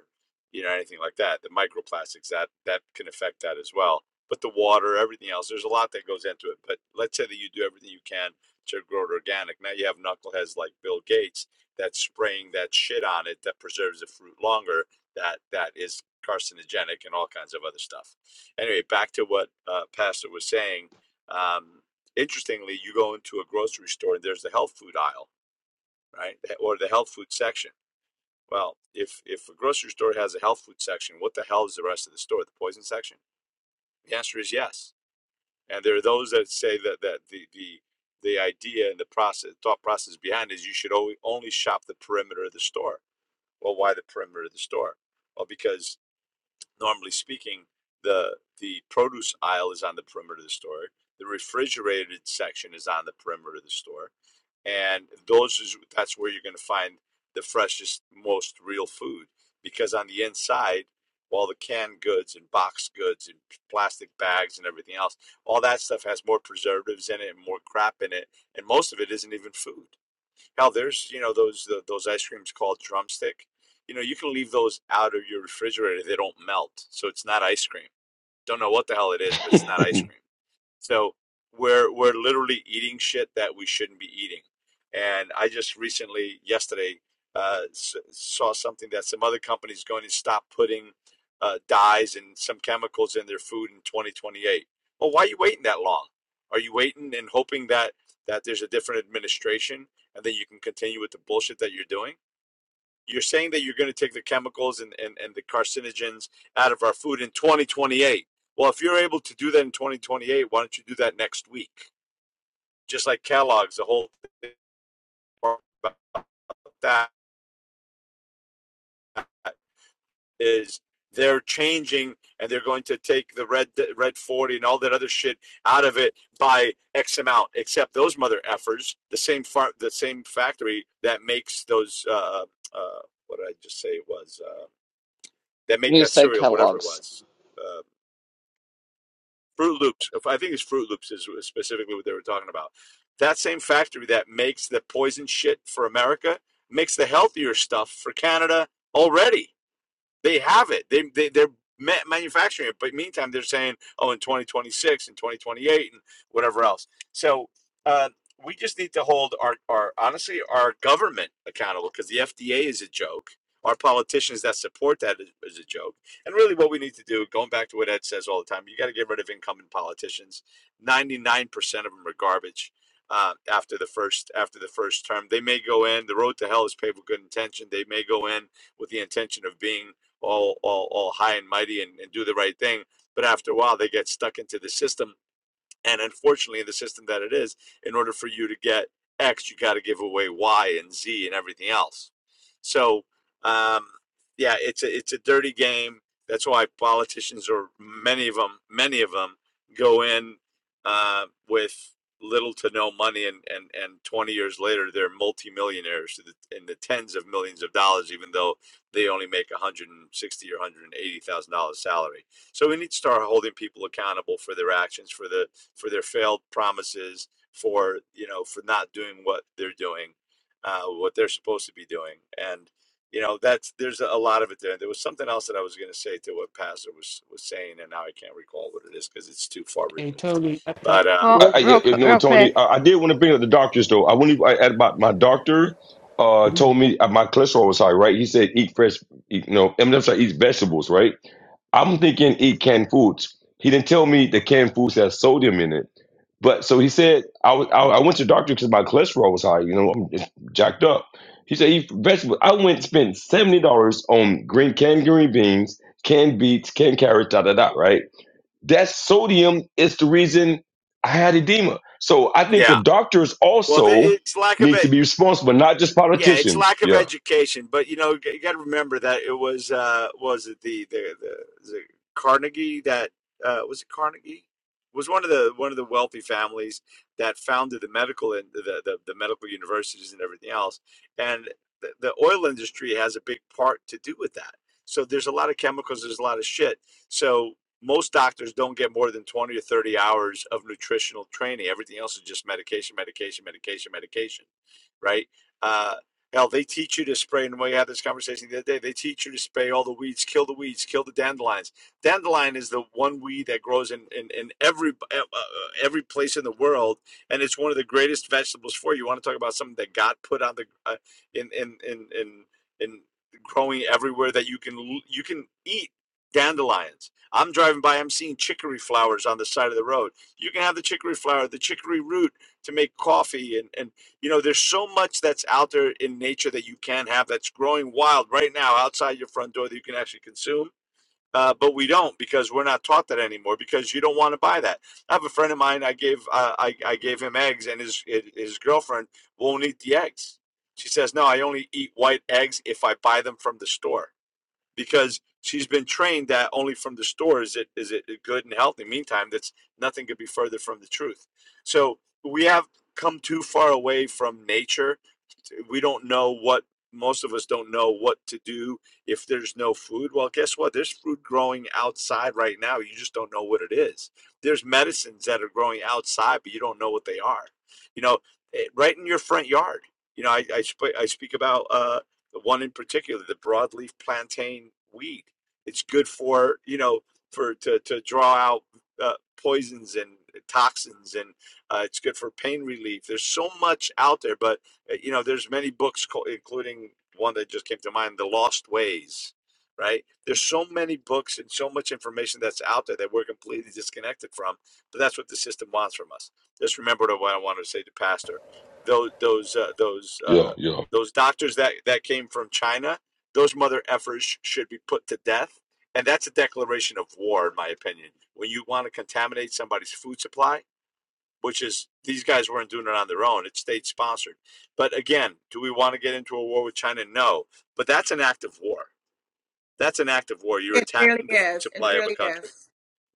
[SPEAKER 2] you know, anything like that. The microplastics that that can affect that as well. But the water, everything else, there's a lot that goes into it. But let's say that you do everything you can to grow it organic. Now you have knuckleheads like Bill Gates that's spraying that shit on it that preserves the fruit longer. That that is carcinogenic and all kinds of other stuff. Anyway, back to what uh, Pastor was saying. Um, interestingly, you go into a grocery store and there's the health food aisle, right, or the health food section well, if if a grocery store has a health food section, what the hell is the rest of the store? The poison section? The answer is yes. And there are those that say that that the the the idea and the process thought process behind it is you should only only shop the perimeter of the store. Well, why the perimeter of the store? Well, because normally speaking, the the produce aisle is on the perimeter of the store. The refrigerated section is on the perimeter of the store and those is that's where you're going to find the freshest most real food because on the inside all the canned goods and boxed goods and plastic bags and everything else all that stuff has more preservatives in it and more crap in it and most of it isn't even food hell there's you know those the, those ice creams called drumstick you know you can leave those out of your refrigerator they don't melt so it's not ice cream don't know what the hell it is but it's not
[SPEAKER 7] time.
[SPEAKER 2] ice
[SPEAKER 7] <laughs>
[SPEAKER 2] cream so we're we're literally eating shit that we shouldn't be eating. And I just recently, yesterday, uh, s- saw something that some other companies going to stop putting uh, dyes and some chemicals in their food in 2028. Well, why are you waiting that long? Are you waiting and hoping that that there's a different administration and then you can continue with the bullshit that you're doing? You're saying that you're going to take the chemicals and, and, and the carcinogens out of our food in 2028. Well, if you're able to do that in 2028, why don't you do that next week? Just like Kellogg's, the whole thing about that is they're changing and they're going to take the red red 40 and all that other shit out of it by x amount except those mother effers the same far the same factory that makes those uh uh what did i just say it was uh that make
[SPEAKER 1] You
[SPEAKER 2] that
[SPEAKER 1] said
[SPEAKER 2] cereal whatever it
[SPEAKER 1] Kellogg's.
[SPEAKER 2] was uh. Fruit Loops. I think it's Fruit Loops is specifically what they were talking about. That same factory that makes the poison shit for America makes the healthier stuff for Canada already. They have it. They, they they're manufacturing it, but meantime they're saying, oh, in 2026 and 2028 and whatever else. So uh, we just need to hold our our honestly our government accountable because the FDA is a joke. Our politicians that support that is, is a joke. And really, what we need to do, going back to what Ed says all the time, you got to get rid of incumbent politicians. Ninety nine percent of them are garbage uh, after the first after the first term. They may go in. The road to hell is paved with good intention. They may go in with the intention of being all all, all high and mighty and, and do the right thing but after a while they get stuck into the system and unfortunately the system that it is in order for you to get x you got to give away y and z and everything else so um, yeah it's a it's a dirty game that's why politicians or many of them many of them go in uh, with little to no money and, and and 20 years later they're multimillionaires in the tens of millions of dollars even though they only make 160 or 180 thousand dollars salary so we need to start holding people accountable for their actions for the for their failed promises, for you know, for not doing what they're doing, uh, what they're supposed to be doing, and you know, that's there's a lot of it there. There was something else that I was going to say to what Pastor was was saying, and now I can't recall what it is because it's too far
[SPEAKER 5] Hey,
[SPEAKER 2] removed.
[SPEAKER 5] Tony. I- I-
[SPEAKER 2] But uh,
[SPEAKER 3] Well,
[SPEAKER 7] I, I,
[SPEAKER 1] William.
[SPEAKER 3] real
[SPEAKER 7] you
[SPEAKER 3] qu-
[SPEAKER 7] know, what,
[SPEAKER 3] real
[SPEAKER 7] Tony,
[SPEAKER 3] quick.
[SPEAKER 7] I, I did want to bring up the doctors though. I went I, at about my doctor. Uh,
[SPEAKER 5] <clears throat>
[SPEAKER 7] told me uh, my cholesterol was high, right? He said eat fresh, eat, you know, I mean, I'm sorry, eat vegetables, right? I'm thinking eat canned foods. He didn't tell me the canned foods has sodium in it, but so he said I was- I, I went to the doctor because my cholesterol was high. You know, I'm just jacked up. He said eat vegetables. I went and spent seventy dollars on green canned green beans, canned beets, canned carrots, da da da, right? that sodium is the reason I had edema. So I think the
[SPEAKER 2] yeah,
[SPEAKER 7] doctors
[SPEAKER 2] well, the,
[SPEAKER 7] also
[SPEAKER 2] it's lack of
[SPEAKER 7] need
[SPEAKER 2] it.
[SPEAKER 7] to be responsible, not just
[SPEAKER 2] yeah, it's
[SPEAKER 7] politicians.
[SPEAKER 2] lack of
[SPEAKER 7] Yeah,
[SPEAKER 2] education, but you know, you got to remember that it was uh was it the the the, the Carnegie that uh was it Carnegie was one of the one of the wealthy families that founded the medical and the the, the medical universities and everything else, and the, the oil industry has a big part to do with that. So there's a lot of chemicals, there's a lot of shit. So most doctors don't get more than 20 or 30 hours of nutritional training. Everything else is just medication, medication, medication, medication, right? Uh, Hell, they teach you to spray, and we had this conversation the other day. They teach you to spray all the weeds, kill the weeds, kill the dandelions. Dandelion is the one weed that grows in, in, in every uh, uh, uh, every place in the world, and it's one of the greatest vegetables for you. You want to talk about something that God put on the uh, in, in in in in growing everywhere that you can you can eat dandelions. I'm driving by, I'm seeing chicory flowers on the side of the road. You can have the chicory flower, the chicory root to make coffee and and you know there's so much that's out there in nature that you can have that's growing wild right now outside your front door that you can actually consume uh, but we don't because we're not taught that anymore because you don't want to buy that i have a friend of mine i gave uh, I, I gave him eggs and his his his girlfriend won't eat the eggs she says no i only eat white eggs if i buy them from the store because she's been trained that only from the store is it is it good and healthy. Meantime, that's nothing could be further from the truth. So we have come too far away from nature we don't know what most of us don't know what to do if there's no food well guess what there's food growing outside right now you just don't know what it is there's medicines that are growing outside but you don't know what they are you know eh, right in your front yard you know i i, sp- I speak about uh the one in particular the broadleaf plantain weed it's good for you know for to to draw out uh, poisons and toxins and uh, it's good for pain relief there's so much out there but uh, you know there's many books including one that just came to mind the lost ways right there's so many books and so much information that's out there that we're completely disconnected from but that's what the system wants from us just remember what i wanted to say to pastor those those uh, those
[SPEAKER 7] yeah,
[SPEAKER 2] uh,
[SPEAKER 7] yeah.
[SPEAKER 2] those doctors that that came from china those mother effers should be put to death and that's a declaration of war in my opinion when you want to contaminate somebody's food supply which is these guys weren't doing it on their own. It's state sponsored. But again, do we want to get into a war with China? No. But that's an act of war. That's an act of war. You're
[SPEAKER 10] It really
[SPEAKER 2] attacking the food
[SPEAKER 10] is. It
[SPEAKER 2] supply of a
[SPEAKER 10] really
[SPEAKER 2] country.
[SPEAKER 10] is.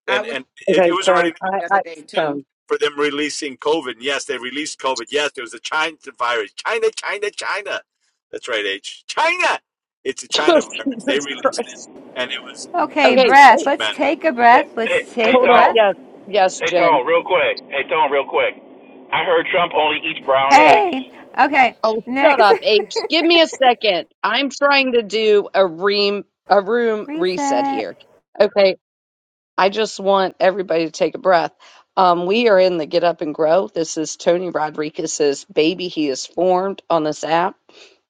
[SPEAKER 10] I
[SPEAKER 2] And
[SPEAKER 10] was
[SPEAKER 2] and it, it was already
[SPEAKER 10] the other day too.
[SPEAKER 1] Oh,
[SPEAKER 2] for them releasing COVID. And yes, they released COVID. Yes, there was a China virus. China, China, China. That's right, H. China. It's a
[SPEAKER 1] <laughs>
[SPEAKER 2] China virus. They
[SPEAKER 1] Jesus
[SPEAKER 2] released it.
[SPEAKER 1] Christ.
[SPEAKER 2] And it was
[SPEAKER 3] Okay,
[SPEAKER 1] Okay, hey,
[SPEAKER 3] breath. Let's
[SPEAKER 2] man,
[SPEAKER 3] take a
[SPEAKER 11] Hey,
[SPEAKER 3] breath.
[SPEAKER 11] hey,
[SPEAKER 3] Let's
[SPEAKER 11] hey,
[SPEAKER 3] take a
[SPEAKER 1] hold on.
[SPEAKER 3] breath.
[SPEAKER 11] Tone.
[SPEAKER 1] Yes, yes,
[SPEAKER 11] Hey,
[SPEAKER 1] Jen.
[SPEAKER 11] Tone, real quick. Hey, Tone, real quick. I heard Trump only eats brown eggs.
[SPEAKER 3] Hey. Okay.
[SPEAKER 1] Oh, shut
[SPEAKER 3] Next.
[SPEAKER 1] up, H. Give me a second. I'm trying to do a ream a
[SPEAKER 3] <laughs>
[SPEAKER 1] room reset
[SPEAKER 3] Reset.
[SPEAKER 1] here. Okay, I just want everybody to take a breath. Um, we are in the Get Up and Grow. This is Tony Rodriguez's baby. He is formed on this app.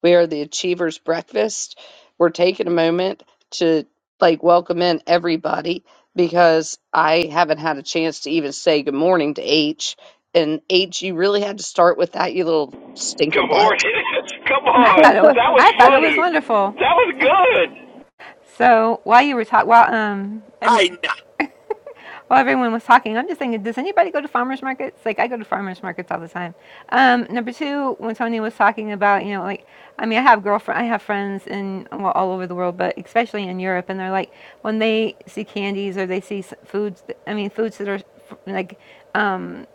[SPEAKER 1] We are the Achievers Breakfast. We're taking a moment to like welcome in everybody because I haven't had a chance to even say good morning to H. And H, you really had to start with that, you little stinker
[SPEAKER 11] Good
[SPEAKER 1] butt.
[SPEAKER 11] morning. <laughs> Come
[SPEAKER 3] I
[SPEAKER 11] on.
[SPEAKER 3] thought it was
[SPEAKER 11] That was
[SPEAKER 3] I thought it was
[SPEAKER 11] funny.
[SPEAKER 3] wonderful.
[SPEAKER 11] That was good.
[SPEAKER 3] So while you were talking, while um,
[SPEAKER 2] China.
[SPEAKER 3] while everyone was talking, I'm just saying, does anybody go to farmers markets? Like, I go to farmers markets all the time. Um, number two, when Tony was talking about, you know, like, I mean, I have girlfriend, I have friends in well, all over the world, but especially in Europe, and they're like, when they see candies or they see foods, th- I mean, foods that are like um,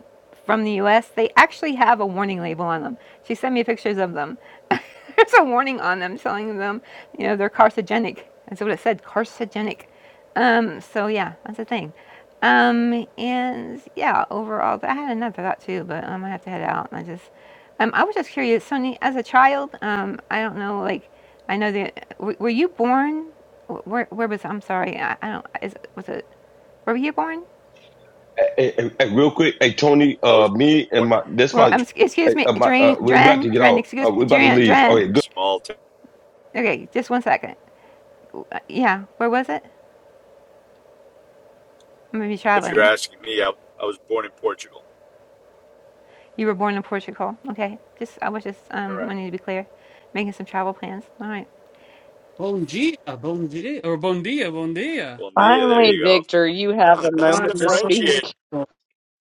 [SPEAKER 3] from the U.S., they actually have a warning label on them. She sent me pictures of them. <laughs> There's a warning on them telling them, you know, they're carcinogenic. That's what it said, carcinogenic. Um, so yeah, that's a thing. Um, and yeah, overall, I had another thought too, but I'm gonna have to head out. I just, um, I was just curious, Sonny, as a child, um, I don't know, like, I know that, w- were you born? wh- Where, where was, I'm sorry, I, I don't, is, was it, where were you born?
[SPEAKER 7] Hey, hey, hey, hey, real quick, hey Tony,
[SPEAKER 2] I
[SPEAKER 7] uh,
[SPEAKER 2] was
[SPEAKER 7] me and
[SPEAKER 2] born in a
[SPEAKER 7] my that's
[SPEAKER 3] Well,
[SPEAKER 7] my,
[SPEAKER 3] um, sc-
[SPEAKER 7] hey,
[SPEAKER 3] excuse me,
[SPEAKER 7] uh, my uh,
[SPEAKER 3] Dren,
[SPEAKER 7] we about to
[SPEAKER 3] Dren,
[SPEAKER 7] get
[SPEAKER 3] Dren,
[SPEAKER 7] out. Uh,
[SPEAKER 3] excuse
[SPEAKER 7] we
[SPEAKER 3] me,
[SPEAKER 7] about to
[SPEAKER 3] Dren,
[SPEAKER 7] leave. Okay, good.
[SPEAKER 3] Dren.
[SPEAKER 2] small town.
[SPEAKER 3] Okay, just one second. W- uh, Yeah, where was it? I'm gonna be
[SPEAKER 2] If you're
[SPEAKER 3] traveling.
[SPEAKER 2] asking me, I, I was born in Portugal.
[SPEAKER 3] You were born in Portugal. Okay, just, I was just,
[SPEAKER 2] Correct.
[SPEAKER 3] um, wanting to be clear, making some travel plans. All right.
[SPEAKER 5] Bom dia, bom dia, or bon dia, bon dia.
[SPEAKER 2] Bon dia, there
[SPEAKER 1] Finally,
[SPEAKER 2] you go.
[SPEAKER 1] Victor, you have
[SPEAKER 2] Ah,
[SPEAKER 1] a
[SPEAKER 2] nice
[SPEAKER 5] I
[SPEAKER 1] moment to
[SPEAKER 5] love
[SPEAKER 1] speak
[SPEAKER 2] differentiate
[SPEAKER 5] Portugal.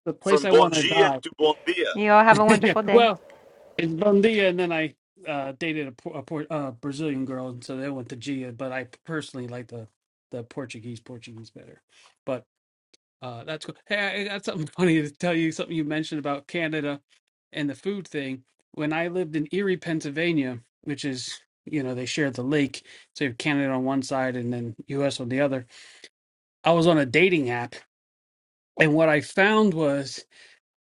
[SPEAKER 5] The place
[SPEAKER 2] from
[SPEAKER 5] I
[SPEAKER 2] bon
[SPEAKER 5] want to
[SPEAKER 2] dia
[SPEAKER 5] die.
[SPEAKER 2] to bon dia.
[SPEAKER 3] You all have a
[SPEAKER 5] <laughs> yeah.
[SPEAKER 3] wonderful day.
[SPEAKER 5] Well, it's Bundia, and then I uh, dated a, Por- a, Por- uh Brazilian girl, and so they went to Gia. But I personally like the the Portuguese Portuguese better. But uh, that's cool. Hey, I got something <laughs> funny to tell you. Something you mentioned about Canada and the food thing. When I lived in Erie, Pennsylvania, which is you know they share the lake, so you have Canada on one side and then U.S. on the other. I was on a dating app, and what I found was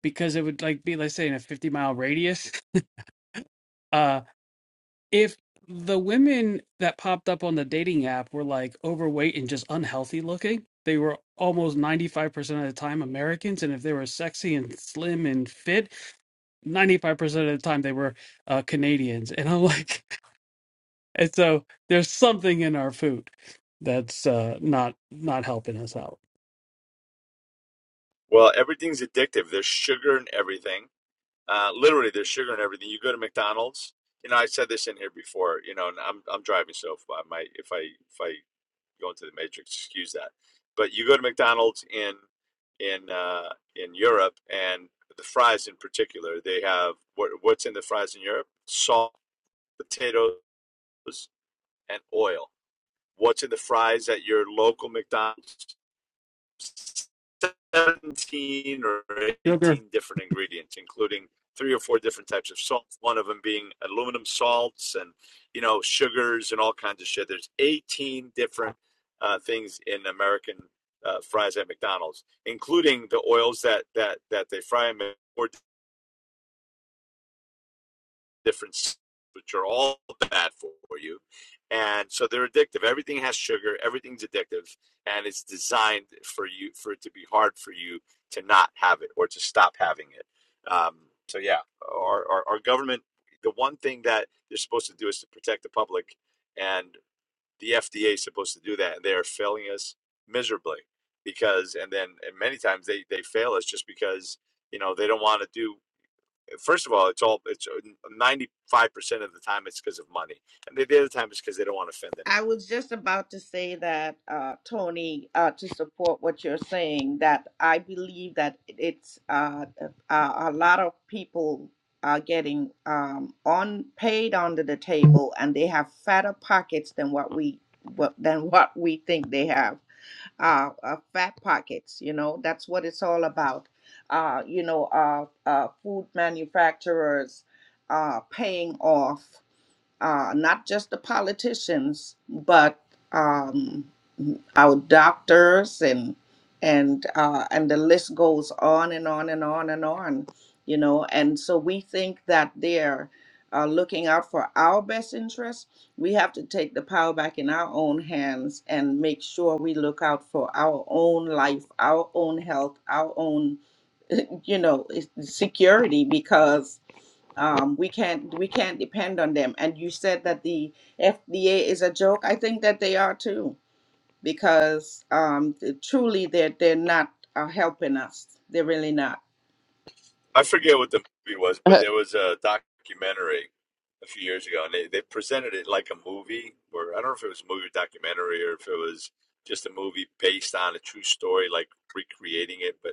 [SPEAKER 5] because it would like be let's say in a 50 mile radius uh if the women that popped up on the dating app were like overweight and just unhealthy looking they were almost 95% of the time americans and if they were sexy and slim and fit 95% of the time they were uh, canadians and i'm like <laughs> and so there's something in our food that's uh not not helping us out
[SPEAKER 2] Well, everything's addictive. There's sugar in everything. Uh, literally, there's sugar in everything. You go to McDonald's. You know, I said this in here before. You know, and I'm I'm driving, so if I might if I if I go into the matrix, excuse that. But you go to McDonald's in in uh, in Europe, and the fries in particular, they have what what's in the fries in Europe: salt, potatoes, and oil What's in the fries at your local McDonald's? 17 or
[SPEAKER 5] sugar
[SPEAKER 2] 18 different ingredients, including three or four different types of salt, one of them being aluminum salts and, you know, sugars and all kinds of shit. There's 18 different uh, things in American uh, fries at McDonald's, including the oils that, that, that they fry them in or different which are all bad for you and so they're addictive everything has sugar everything's addictive and it's designed for you for it to be hard for you to not have it or to stop having it um, so yeah our, our, our government the one thing that they're supposed to do is to protect the public and the fda is supposed to do that and they are failing us miserably because and then and many times they they fail us just because you know they don't want to do first of all, it's all it's ninety five percent of the time it's because of money, and the other time it's because they don't want to offend
[SPEAKER 10] I
[SPEAKER 2] anyone.
[SPEAKER 10] was just about to say that, uh, Tony, uh, to support what you're saying, that I believe that it's uh, uh, a lot of people are getting um, on paid under the table, and they have fatter pockets than what we what, than what we think they have. Uh, uh, fat pockets, you know. That's what it's all about. Uh, you know, uh, uh, food manufacturers uh, paying off uh, not just the politicians, but um, our doctors and and uh, and the list goes on and on and on and on, you know. And so we think that they're uh, looking out for our best interests. We have to take the power back in our own hands and make sure we look out for our own life, our own health, our own, <laughs> you know, security because um, we can't we can't depend on them. And you said that the FDA is a joke. I think that they are too, because um, th- truly they're they're not uh, helping us. They're really not.
[SPEAKER 2] I forget what the movie was,
[SPEAKER 1] <laughs>
[SPEAKER 2] but
[SPEAKER 1] to
[SPEAKER 2] there was a documentary a few years ago, and they, they presented it like a movie. Where I don't know if it was a movie or documentary, or if it was just a movie based on a true story, like recreating it. but.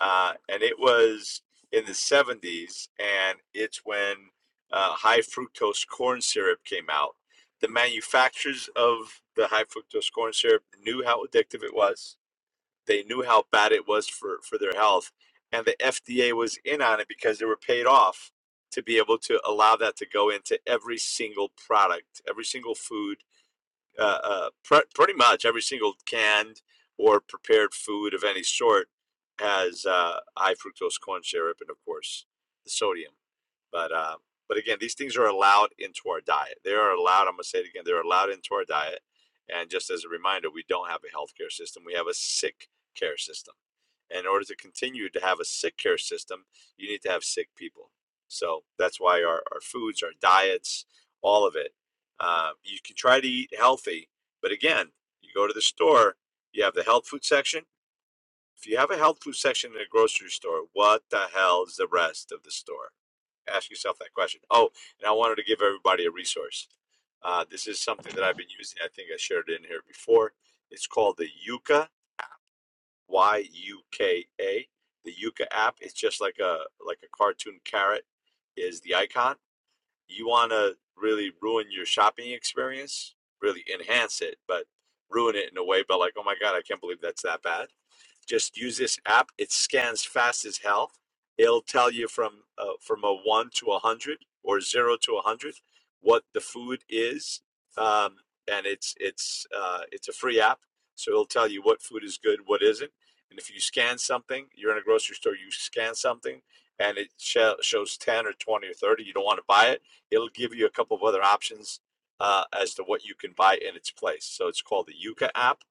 [SPEAKER 2] uh, and it was in the 70s, and it's when uh, high fructose corn syrup came out. The manufacturers of the high fructose corn syrup knew how addictive it was. They knew how bad it was for, for their health, and the FDA was in on it because they were paid off to be able to allow that to go into every single product, every single food uh, uh, pre- pretty much every single canned or prepared food of any sort has uh, high fructose corn syrup and, of course, the sodium. But um, but again, these things are allowed into our diet. They are allowed. I'm gonna say it again. They're allowed into our diet. And just as a reminder, we don't have a healthcare system. We have a sick care system in order to continue to have a sick care system, you need to have sick people. So that's why our, our foods, our diets, all of it. Uh, you can try to eat healthy, but again, you go to the store, you have the health food section. If you have a health food section in a grocery store, what the hell is the rest of the store? Ask yourself that question. Oh, and I wanted to give everybody a resource. Uh, this is something that I've been using. I think I shared it in here before. It's called the Yucca Y U K A. The Yuka app. It's just like a like a cartoon carrot is the icon. You want to really ruin your shopping experience, really enhance it, but ruin it in a way. But like, oh my god, I can't believe that's that bad. Just use this app. It scans fast as hell. It'll tell you from uh, from a one to a hundred or zero to a hundred what the food is, um, and it's it's uh, it's a free app. So it'll tell you what food is good, what isn't, and if you scan something, you're in a grocery store, you scan something, and it sh- shows ten or twenty or thirty. You don't want to buy it. It'll give you a couple of other options uh, as to what you can buy in its place. So it's called the Yuka app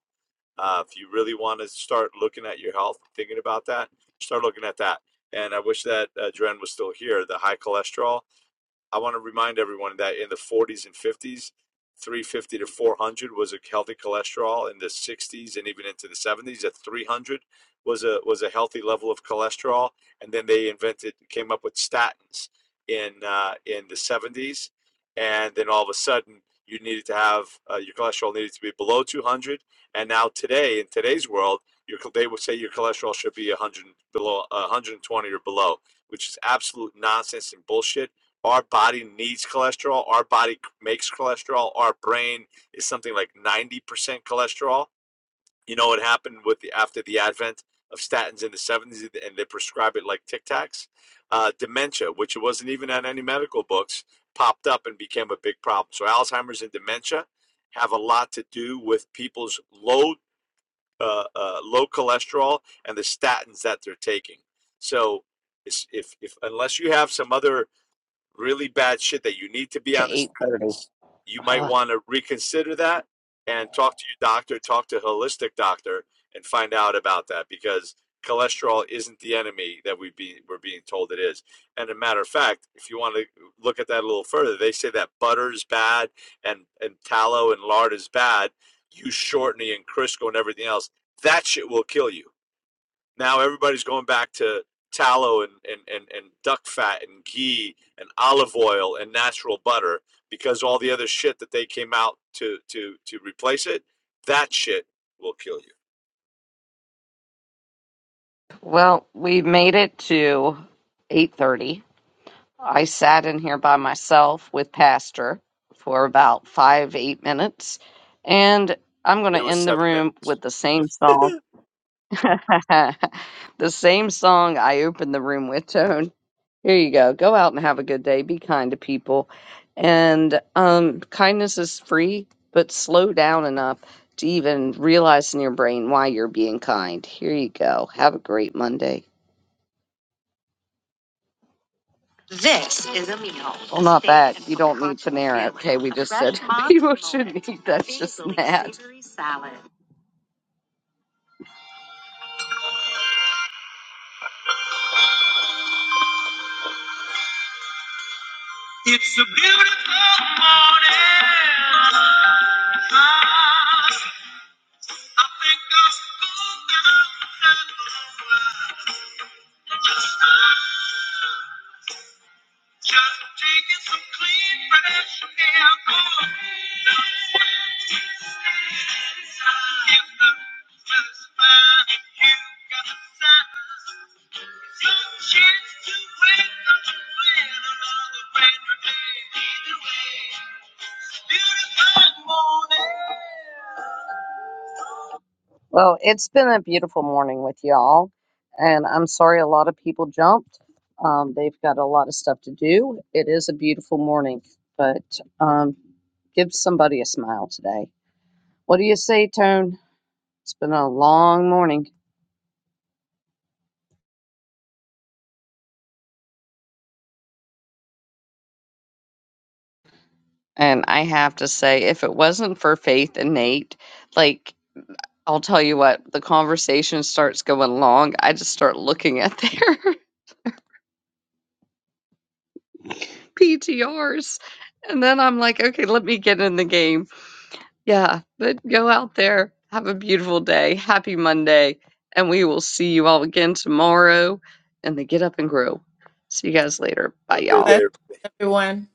[SPEAKER 2] uh, if you really want to start looking at your health, thinking about that, start looking at that. And I wish that uh, Dren was still here. The high cholesterol, I want to remind everyone that in the 40s and 50s, 350 to 400 was a healthy cholesterol. In the 60s and even into the 70s, at 300 was a was a healthy level of cholesterol. And then they invented, came up with statins in uh, in the 70s, and then all of a sudden you needed to have uh, your cholesterol needed to be below 200. And now today, in today's world, your, they would say your cholesterol should be 100 and below 120 or below, which is absolute nonsense and bullshit our body needs cholesterol. Our body makes cholesterol. Our brain is something like 90% cholesterol. You know what happened with the after the advent of statins in the 70s and they prescribe it like Tic Tacs? Uh, dementia, which it wasn't even on any medical books, popped up and became a big problem. So Alzheimer's and dementia have a lot to do with people's low uh, uh, low cholesterol and the statins that they're taking. So if, if unless you have some other really bad shit that you need to be on the
[SPEAKER 1] eight thirty.
[SPEAKER 2] statins, you might want to reconsider that and talk to your doctor, talk to a holistic doctor, and find out about that because cholesterol isn't the enemy that we be, we're being told it is. And a matter of fact, if you want to look at that a little further, they say that butter is bad and, and tallow and lard is bad. Use shortening and Crisco and everything else. That shit will kill you now everybody's going back to tallow and, and, and, and duck fat and ghee and olive oil and natural butter because all the other shit that they came out to, to, to replace it, that shit will kill you.
[SPEAKER 1] Well, we made it to 8:30. I sat in here by myself with Pastor for about 5 8 minutes and I'm going to
[SPEAKER 2] It was
[SPEAKER 1] end the
[SPEAKER 2] seven
[SPEAKER 1] room
[SPEAKER 2] minutes.
[SPEAKER 1] with the same song. <laughs> the same song I opened the room with, Tone. Here you go. Go out and have a good day. Be kind to people. And um kindness is free, but slow down enough to even realize in your brain why you're being kind. Here you go. Have a great Monday. This is a meal. Well, not that. You don't need Panera. Okay, we just said <laughs> people shouldn't eat that. It's just mad. salad. Well, it's been a beautiful morning with y'all, and I'm sorry a lot of people jumped. Um, they've got a lot of stuff to do. It is a beautiful morning, but um, give somebody a smile today. What do you say, Tone? It's been a long morning. And I have to say, if it wasn't for Faith and Nate, like, I'll tell you what, the conversation starts going long. I just start looking at their <laughs> PTRs, and then I'm like, okay, let me get in the game Yeah, but go out there, have a beautiful day. Happy Monday, and we will see you all again tomorrow And they Get Up and Grow. See you guys later. Bye,
[SPEAKER 2] Have a great
[SPEAKER 1] y'all.
[SPEAKER 10] Bless
[SPEAKER 2] day.
[SPEAKER 10] everyone.